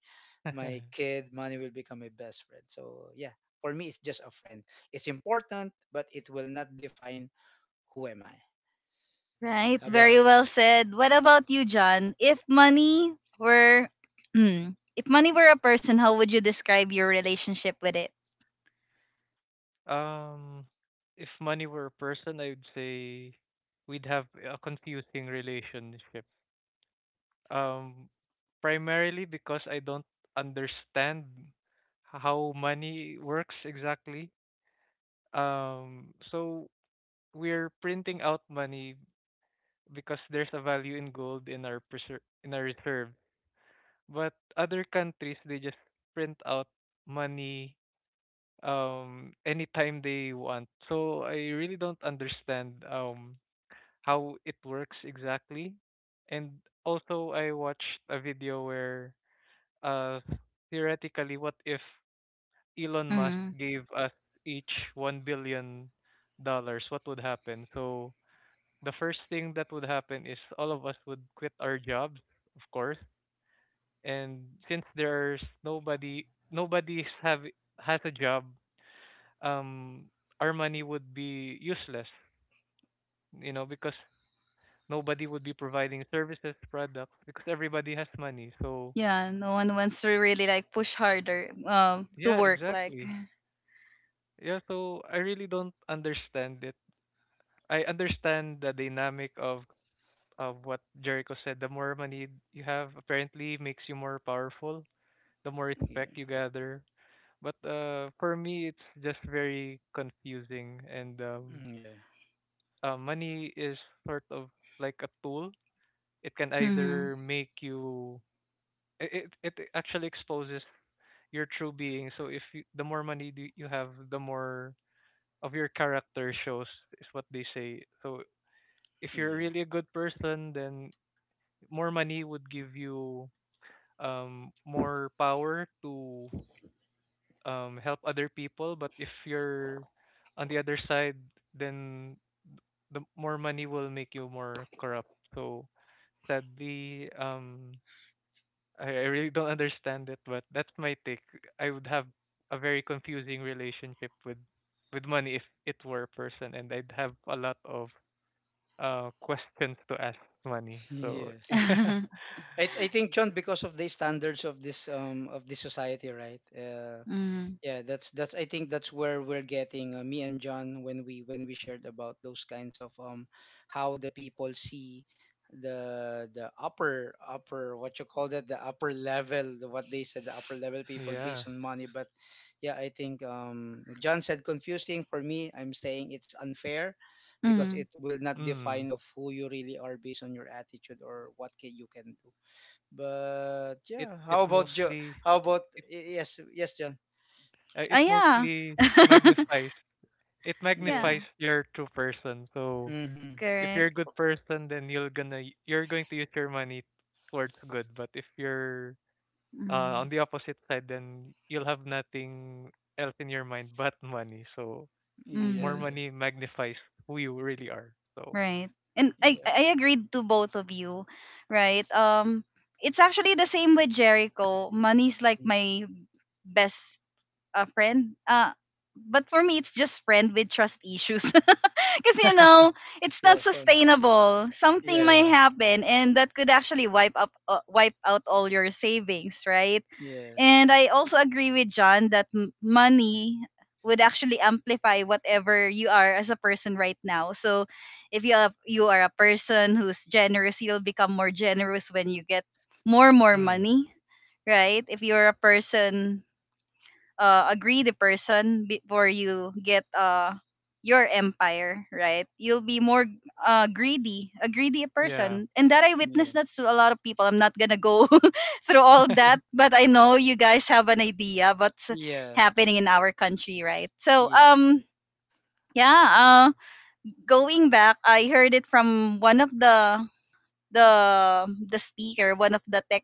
[SPEAKER 3] my
[SPEAKER 2] [laughs]
[SPEAKER 3] kid, money will become my best friend. So, yeah, for me, it's just a friend. It's important, but it will not define who am I.
[SPEAKER 1] Right,
[SPEAKER 3] How about,
[SPEAKER 2] Yeah.
[SPEAKER 1] very well said. What about you, John? If money were [clears throat] If money were a person, how would you describe your relationship with it?
[SPEAKER 2] Um, if money were a person, I would say we'd have a confusing relationship. Um, Primarily because I don't understand how money works exactly. So we're printing out money because there's a value in gold in our reserve. But other countries, they just print out money anytime they want. So I really don't understand how it works exactly. And also, I watched a video where, uh, theoretically, what if Elon Musk
[SPEAKER 1] Mm.
[SPEAKER 2] gave us each $1 billion? What would happen? So the first thing that would happen is all of us would quit our jobs, of course. And since there's nobody have has a job, um, our money would be useless. Because nobody would be providing services, products, because everybody has money. So
[SPEAKER 1] Yeah, no one wants to really like push harder to
[SPEAKER 2] yeah,
[SPEAKER 1] work, like.
[SPEAKER 2] exactly. Yeah, so I really don't understand it. I understand the dynamic of what Jericho said. The more money you have apparently makes you more powerful, the more
[SPEAKER 3] yeah,
[SPEAKER 2] respect you gather. But for me, it's just very confusing. And
[SPEAKER 3] mm, yeah,
[SPEAKER 2] money is sort of like a tool. It can
[SPEAKER 1] Mhm.
[SPEAKER 2] either make you. It actually exposes your true being. So, if you, the more money do you have, the more of your character shows, is what they say. So if you're
[SPEAKER 3] yeah,
[SPEAKER 2] really a good person, then more money would give you more power to help other people. But if you're on the other side, then the more money will make you more corrupt. So sadly, I really don't understand it, but that's my take. I would have a very confusing relationship with money if it were a person, and I'd have a lot of questions to ask money.
[SPEAKER 3] [laughs]
[SPEAKER 2] So [laughs]
[SPEAKER 3] yes.
[SPEAKER 2] yeah.
[SPEAKER 1] [laughs]
[SPEAKER 3] I think, John, because of the standards of this society, right?
[SPEAKER 1] Mm.
[SPEAKER 3] Yeah, that's I think that's where we're getting, me and John, when we shared about those kinds of, how the people see the upper upper, what you call that, the upper level, what they said, the upper level people
[SPEAKER 2] Yeah.
[SPEAKER 3] based on money. But, yeah, I think, John said confusing, for me I'm saying it's unfair because
[SPEAKER 1] Mm.
[SPEAKER 3] it will not
[SPEAKER 2] Mm.
[SPEAKER 3] define of who you really are based on your attitude or what can you can do. But,
[SPEAKER 2] it
[SPEAKER 3] yeah,
[SPEAKER 2] it
[SPEAKER 3] how about Joe.
[SPEAKER 2] mostly it
[SPEAKER 3] Yes, yes, John.
[SPEAKER 2] uh,
[SPEAKER 1] Ah
[SPEAKER 2] it
[SPEAKER 1] yeah.
[SPEAKER 2] mostly
[SPEAKER 1] [laughs]
[SPEAKER 2] magnifies it
[SPEAKER 3] Yeah.
[SPEAKER 1] Yeah,
[SPEAKER 2] magnifies your true person. So
[SPEAKER 3] Mm-hmm.
[SPEAKER 2] if you're
[SPEAKER 1] correct.
[SPEAKER 2] a good person, then you're going to use your money towards good. But if you're uh, on
[SPEAKER 1] Mm.
[SPEAKER 2] the opposite side, then you'll have nothing else in your mind but money. So more
[SPEAKER 1] Mhm.
[SPEAKER 3] Yeah.
[SPEAKER 2] money magnifies who you really are. So
[SPEAKER 1] Right. And
[SPEAKER 3] Yeah.
[SPEAKER 1] I agreed to both of you, right? It's actually the same with Jericho. Money's like
[SPEAKER 3] Mm.
[SPEAKER 1] my best friend. But for me, it's just friend with trust issues. [laughs] Because, you know,
[SPEAKER 2] [laughs]
[SPEAKER 1] it's not
[SPEAKER 3] Yeah. For,
[SPEAKER 1] sustainable. Something might
[SPEAKER 2] yeah,
[SPEAKER 3] yes.
[SPEAKER 1] happen, and that could actually wipe out all your savings, right?
[SPEAKER 3] Yes.
[SPEAKER 1] And I also agree with John that money would actually amplify whatever you are as a person right now. So if you have, you are a person who's generous, you'll become more generous when you get more
[SPEAKER 2] mm,
[SPEAKER 1] money, right? If you're a person a greedy person before you get your empire, right? You'll be more greedy, a greedy
[SPEAKER 2] yeah.
[SPEAKER 1] person. And that I witnessed
[SPEAKER 3] Yeah.
[SPEAKER 1] that to a lot of people. I'm not going to go [laughs] through all that, but I know you guys have an idea what's
[SPEAKER 3] Yeah.
[SPEAKER 1] happening in our country, right? So,
[SPEAKER 3] Yep.
[SPEAKER 1] yeah, going back, I heard it from one of the speaker, one of the tech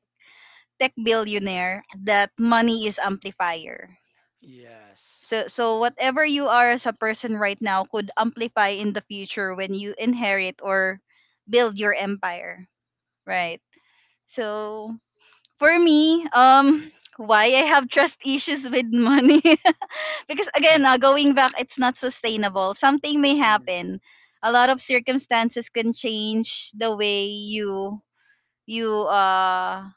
[SPEAKER 1] tech billionaire, that money is amplifier.
[SPEAKER 3] Yes.
[SPEAKER 1] So, so whatever you are as a person right now could amplify in the future when you inherit or build your empire, right? So for me, [laughs] why I have trust issues with money, [laughs] because
[SPEAKER 2] Mm.
[SPEAKER 1] again, going back, it's not sustainable. Something may
[SPEAKER 3] Yeah.
[SPEAKER 1] happen. A lot of circumstances can change the way you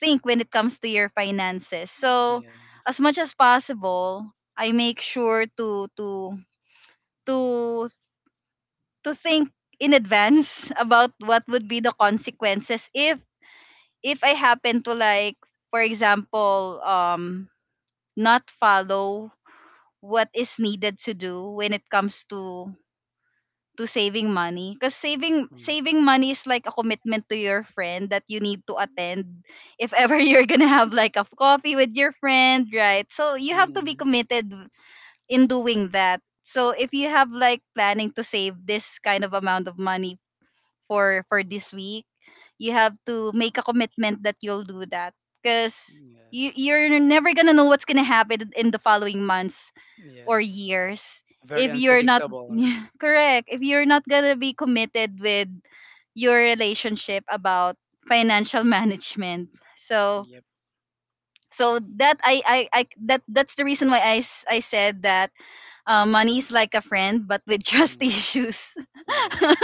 [SPEAKER 1] think when it comes to your finances. So
[SPEAKER 3] Yeah.
[SPEAKER 1] as much as possible, I make sure to to think in advance [laughs] about what would be the consequences if I happen to like, for example, not follow what is needed to do when it comes to saving money, because
[SPEAKER 3] Mm.
[SPEAKER 1] saving money is like a commitment to your friend that you need to attend if ever [laughs] you're gonna have like a coffee with your friend, right? So you have to be
[SPEAKER 3] Mm-hmm.
[SPEAKER 1] committed in doing that. So if you have like planning to save this kind of amount of money for this week, you have to make a commitment that you'll do that, because you
[SPEAKER 3] Yes.
[SPEAKER 1] you're never gonna know what's gonna happen in the following months or
[SPEAKER 3] Yes.
[SPEAKER 1] years
[SPEAKER 3] Very
[SPEAKER 1] if you're not
[SPEAKER 3] unpredictable,
[SPEAKER 1] [laughs]
[SPEAKER 3] right?
[SPEAKER 1] correct, if you're not gonna be committed with your relationship about financial [laughs] management. So
[SPEAKER 3] Yep.
[SPEAKER 1] so that I I, I that's the reason why I said that money is like a friend but with trust [laughs]
[SPEAKER 3] Mm.
[SPEAKER 1] issues. [laughs]
[SPEAKER 3] Yes.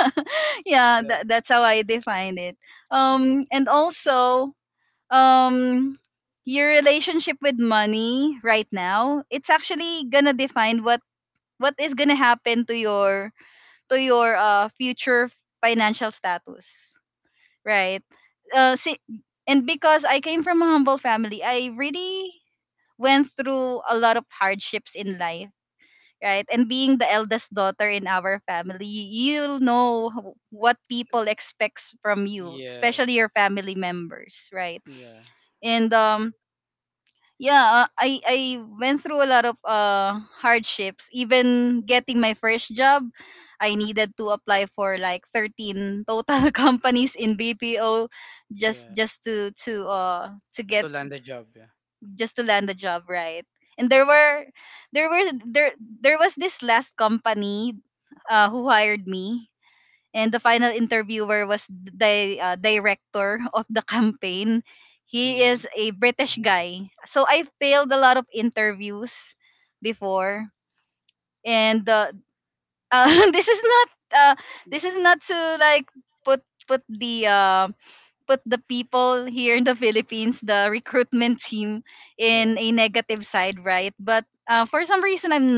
[SPEAKER 1] Yeah,
[SPEAKER 3] Very.
[SPEAKER 1] that's how I define it. And also, um your relationship with money right now, it's actually gonna define what is gonna happen to your future financial status, right? See, and because I came from a humble family, I really went through a lot of hardships in life, right? And being the eldest daughter in our family, you'll know what people expects from you,
[SPEAKER 3] Yeah.
[SPEAKER 1] especially your family members, right?
[SPEAKER 3] Yeah.
[SPEAKER 1] And yeah, I went through a lot of hardships. Even getting my first job, I needed to apply for like 13 total [laughs] companies in BPO
[SPEAKER 3] Yeah.
[SPEAKER 1] just to get
[SPEAKER 3] To land a job. Yeah.
[SPEAKER 1] just to land a job, right? And there were there were there there was this last company who hired me, and the final interviewer was the director [laughs] of the campaign. He
[SPEAKER 3] Mm-hmm.
[SPEAKER 1] is a British
[SPEAKER 2] Ooh.
[SPEAKER 1] guy. So I failed a lot of interviews before, and [laughs] this is not this is not to like put put the people here in the Philippines, the recruitment team, in
[SPEAKER 3] Yeah.
[SPEAKER 1] a negative side, right? But for some reason, I'm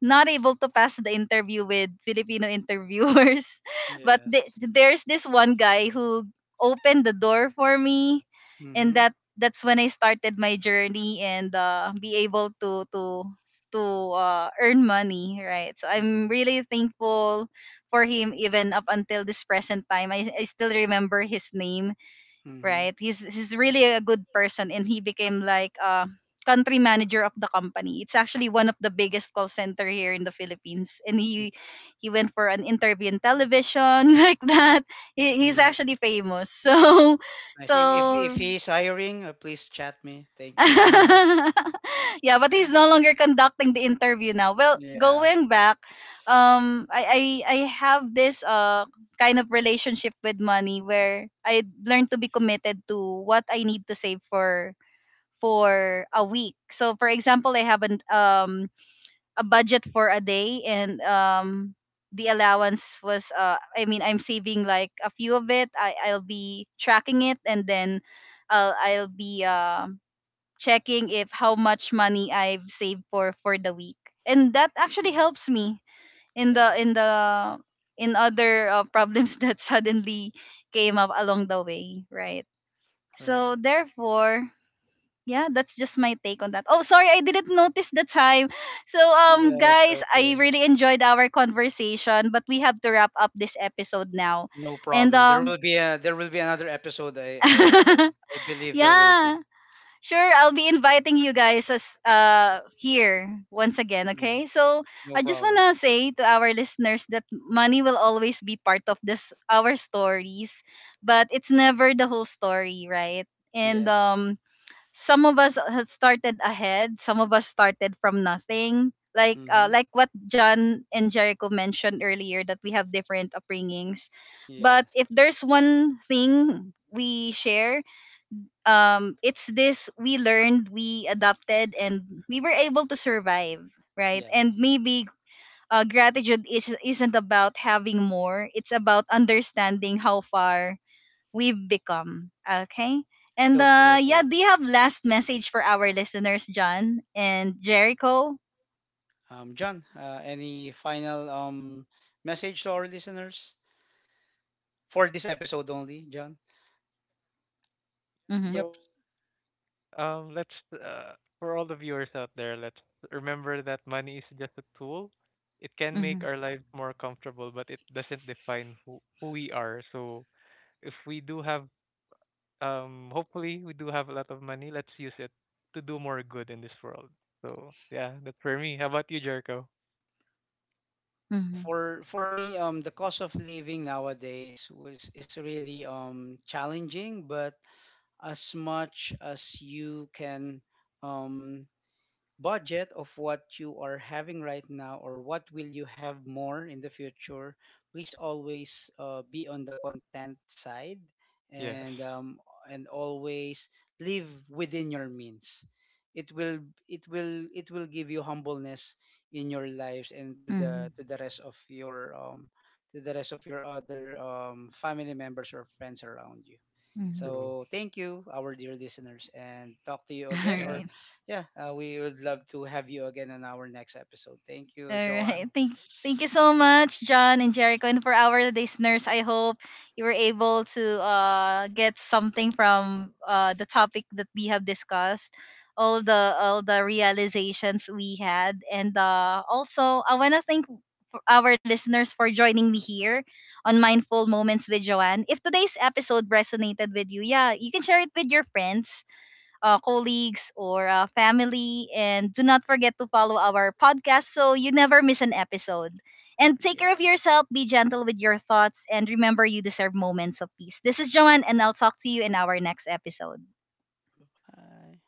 [SPEAKER 1] not able to pass the interview with Filipino interviewers. [laughs] But
[SPEAKER 3] Yes.
[SPEAKER 1] there's this one guy who opened the door for me, and
[SPEAKER 3] Mm-hmm.
[SPEAKER 1] that's when I started my journey and be able to earn money, right? So I'm
[SPEAKER 3] Yeah.
[SPEAKER 1] really thankful for him even up until this present time. I still remember his name,
[SPEAKER 3] Mm-hmm.
[SPEAKER 1] right? He's really a good person, and he became like a country manager of the company. It's actually one of the biggest call center here in the Philippines. And he went for an interview in television [laughs] like that. He's
[SPEAKER 3] Nice.
[SPEAKER 1] actually famous. [laughs] So
[SPEAKER 3] Nice. If, if
[SPEAKER 1] so
[SPEAKER 3] if he's hiring, please chat me. Thank you. [laughs]
[SPEAKER 1] [laughs] yeah, but he's no longer conducting the interview now. Well,
[SPEAKER 3] Yeah,
[SPEAKER 1] going back, I have this kind of relationship with money where I learned to be committed to what I need to save for a week. So, for example, I have an a budget for a day, and the allowance was I mean, I'm saving like a few of it. I'll be tracking it, and then I'll be checking if how much money I've saved for the week. And that
[SPEAKER 3] you
[SPEAKER 1] actually
[SPEAKER 3] know,
[SPEAKER 1] helps me in
[SPEAKER 3] yeah,
[SPEAKER 1] the in the in other problems [laughs] that suddenly came up along the way, right?
[SPEAKER 3] right.
[SPEAKER 1] So therefore, yeah, that's just my take on that. Oh, sorry, I didn't notice the time. So
[SPEAKER 3] Yes,
[SPEAKER 1] guys, I
[SPEAKER 3] okay.
[SPEAKER 1] really enjoyed our conversation, but we have to wrap up this episode now.
[SPEAKER 3] No
[SPEAKER 1] And
[SPEAKER 3] problem. There will be another episode. I I I
[SPEAKER 1] [laughs]
[SPEAKER 3] I believe there will
[SPEAKER 1] yeah.
[SPEAKER 3] be.
[SPEAKER 1] Sure, I'll be inviting you guys as here once again,
[SPEAKER 3] Yes,
[SPEAKER 1] okay? So, I
[SPEAKER 3] no
[SPEAKER 1] just want
[SPEAKER 3] problem.
[SPEAKER 1] to say to our listeners that money will always be part of this our stories, but it's never the whole story, right? And
[SPEAKER 3] Yeah.
[SPEAKER 1] some of us has started ahead, some of us started from nothing.
[SPEAKER 3] Mm-hmm.
[SPEAKER 1] Like what John and Jericho mentioned earlier, that we have different upbringings. But
[SPEAKER 3] Yes.
[SPEAKER 1] if there's one thing we share, it's this: we learned, we adapted, and we were able to survive, right?
[SPEAKER 3] Yeah.
[SPEAKER 1] And maybe gratitude isn't about having more, it's about understanding how far we've become, okay? And
[SPEAKER 3] Totally
[SPEAKER 1] yeah,
[SPEAKER 3] agree.
[SPEAKER 1] do you have last message for our listeners, John and Jericho?
[SPEAKER 3] John, any final, message to our listeners for this episode only, John?
[SPEAKER 1] Mm-hmm.
[SPEAKER 2] So
[SPEAKER 3] Yep.
[SPEAKER 2] Let's for all the viewers out there, let's remember that money is just a tool. It can make
[SPEAKER 1] Mm-hmm.
[SPEAKER 2] our lives more comfortable, but it doesn't define who we are. So if we do have, hopefully we do have a lot of money, let's use it to do more good in this world. So yeah, that's for me. How about you, Jericho?
[SPEAKER 3] Yeah,
[SPEAKER 1] Mm-hmm.
[SPEAKER 3] for me, the cost of living nowadays was is really challenging, but as much as you can, um, budget of what you are having right now or what will you have more in the future, please always, be on the content side,
[SPEAKER 2] Yes,
[SPEAKER 3] and, and always live within your means. It will it will it will give you humbleness in your lives, and to
[SPEAKER 1] Mm-hmm.
[SPEAKER 3] the rest of your, to the rest of your other, family members or friends around you.
[SPEAKER 1] Mm-hmm.
[SPEAKER 2] true.
[SPEAKER 3] So, thank you, our dear listeners, and talk to you
[SPEAKER 1] [laughs] All
[SPEAKER 3] again.
[SPEAKER 2] Yeah.
[SPEAKER 3] Or
[SPEAKER 1] right.
[SPEAKER 3] yeah, we would love to have you again on our next episode. Thank
[SPEAKER 1] All
[SPEAKER 3] you, Joanne.
[SPEAKER 1] right. Thank you so much, John and Jericho. And for our listeners, I hope you were able to get something from the topic that we have discussed, all the realizations we had. And also, I wanna thank for our listeners for joining me here on Mindful Moments with Joanne. If today's episode resonated with you, yeah, you can share it with your friends, colleagues, or family. And do not forget to follow our podcast so you never miss an episode. And take
[SPEAKER 3] Yeah.
[SPEAKER 1] care of yourself, be gentle with your thoughts, and remember, you deserve moments of peace. This is Joanne, and I'll talk to you in our next episode.
[SPEAKER 3] Bye.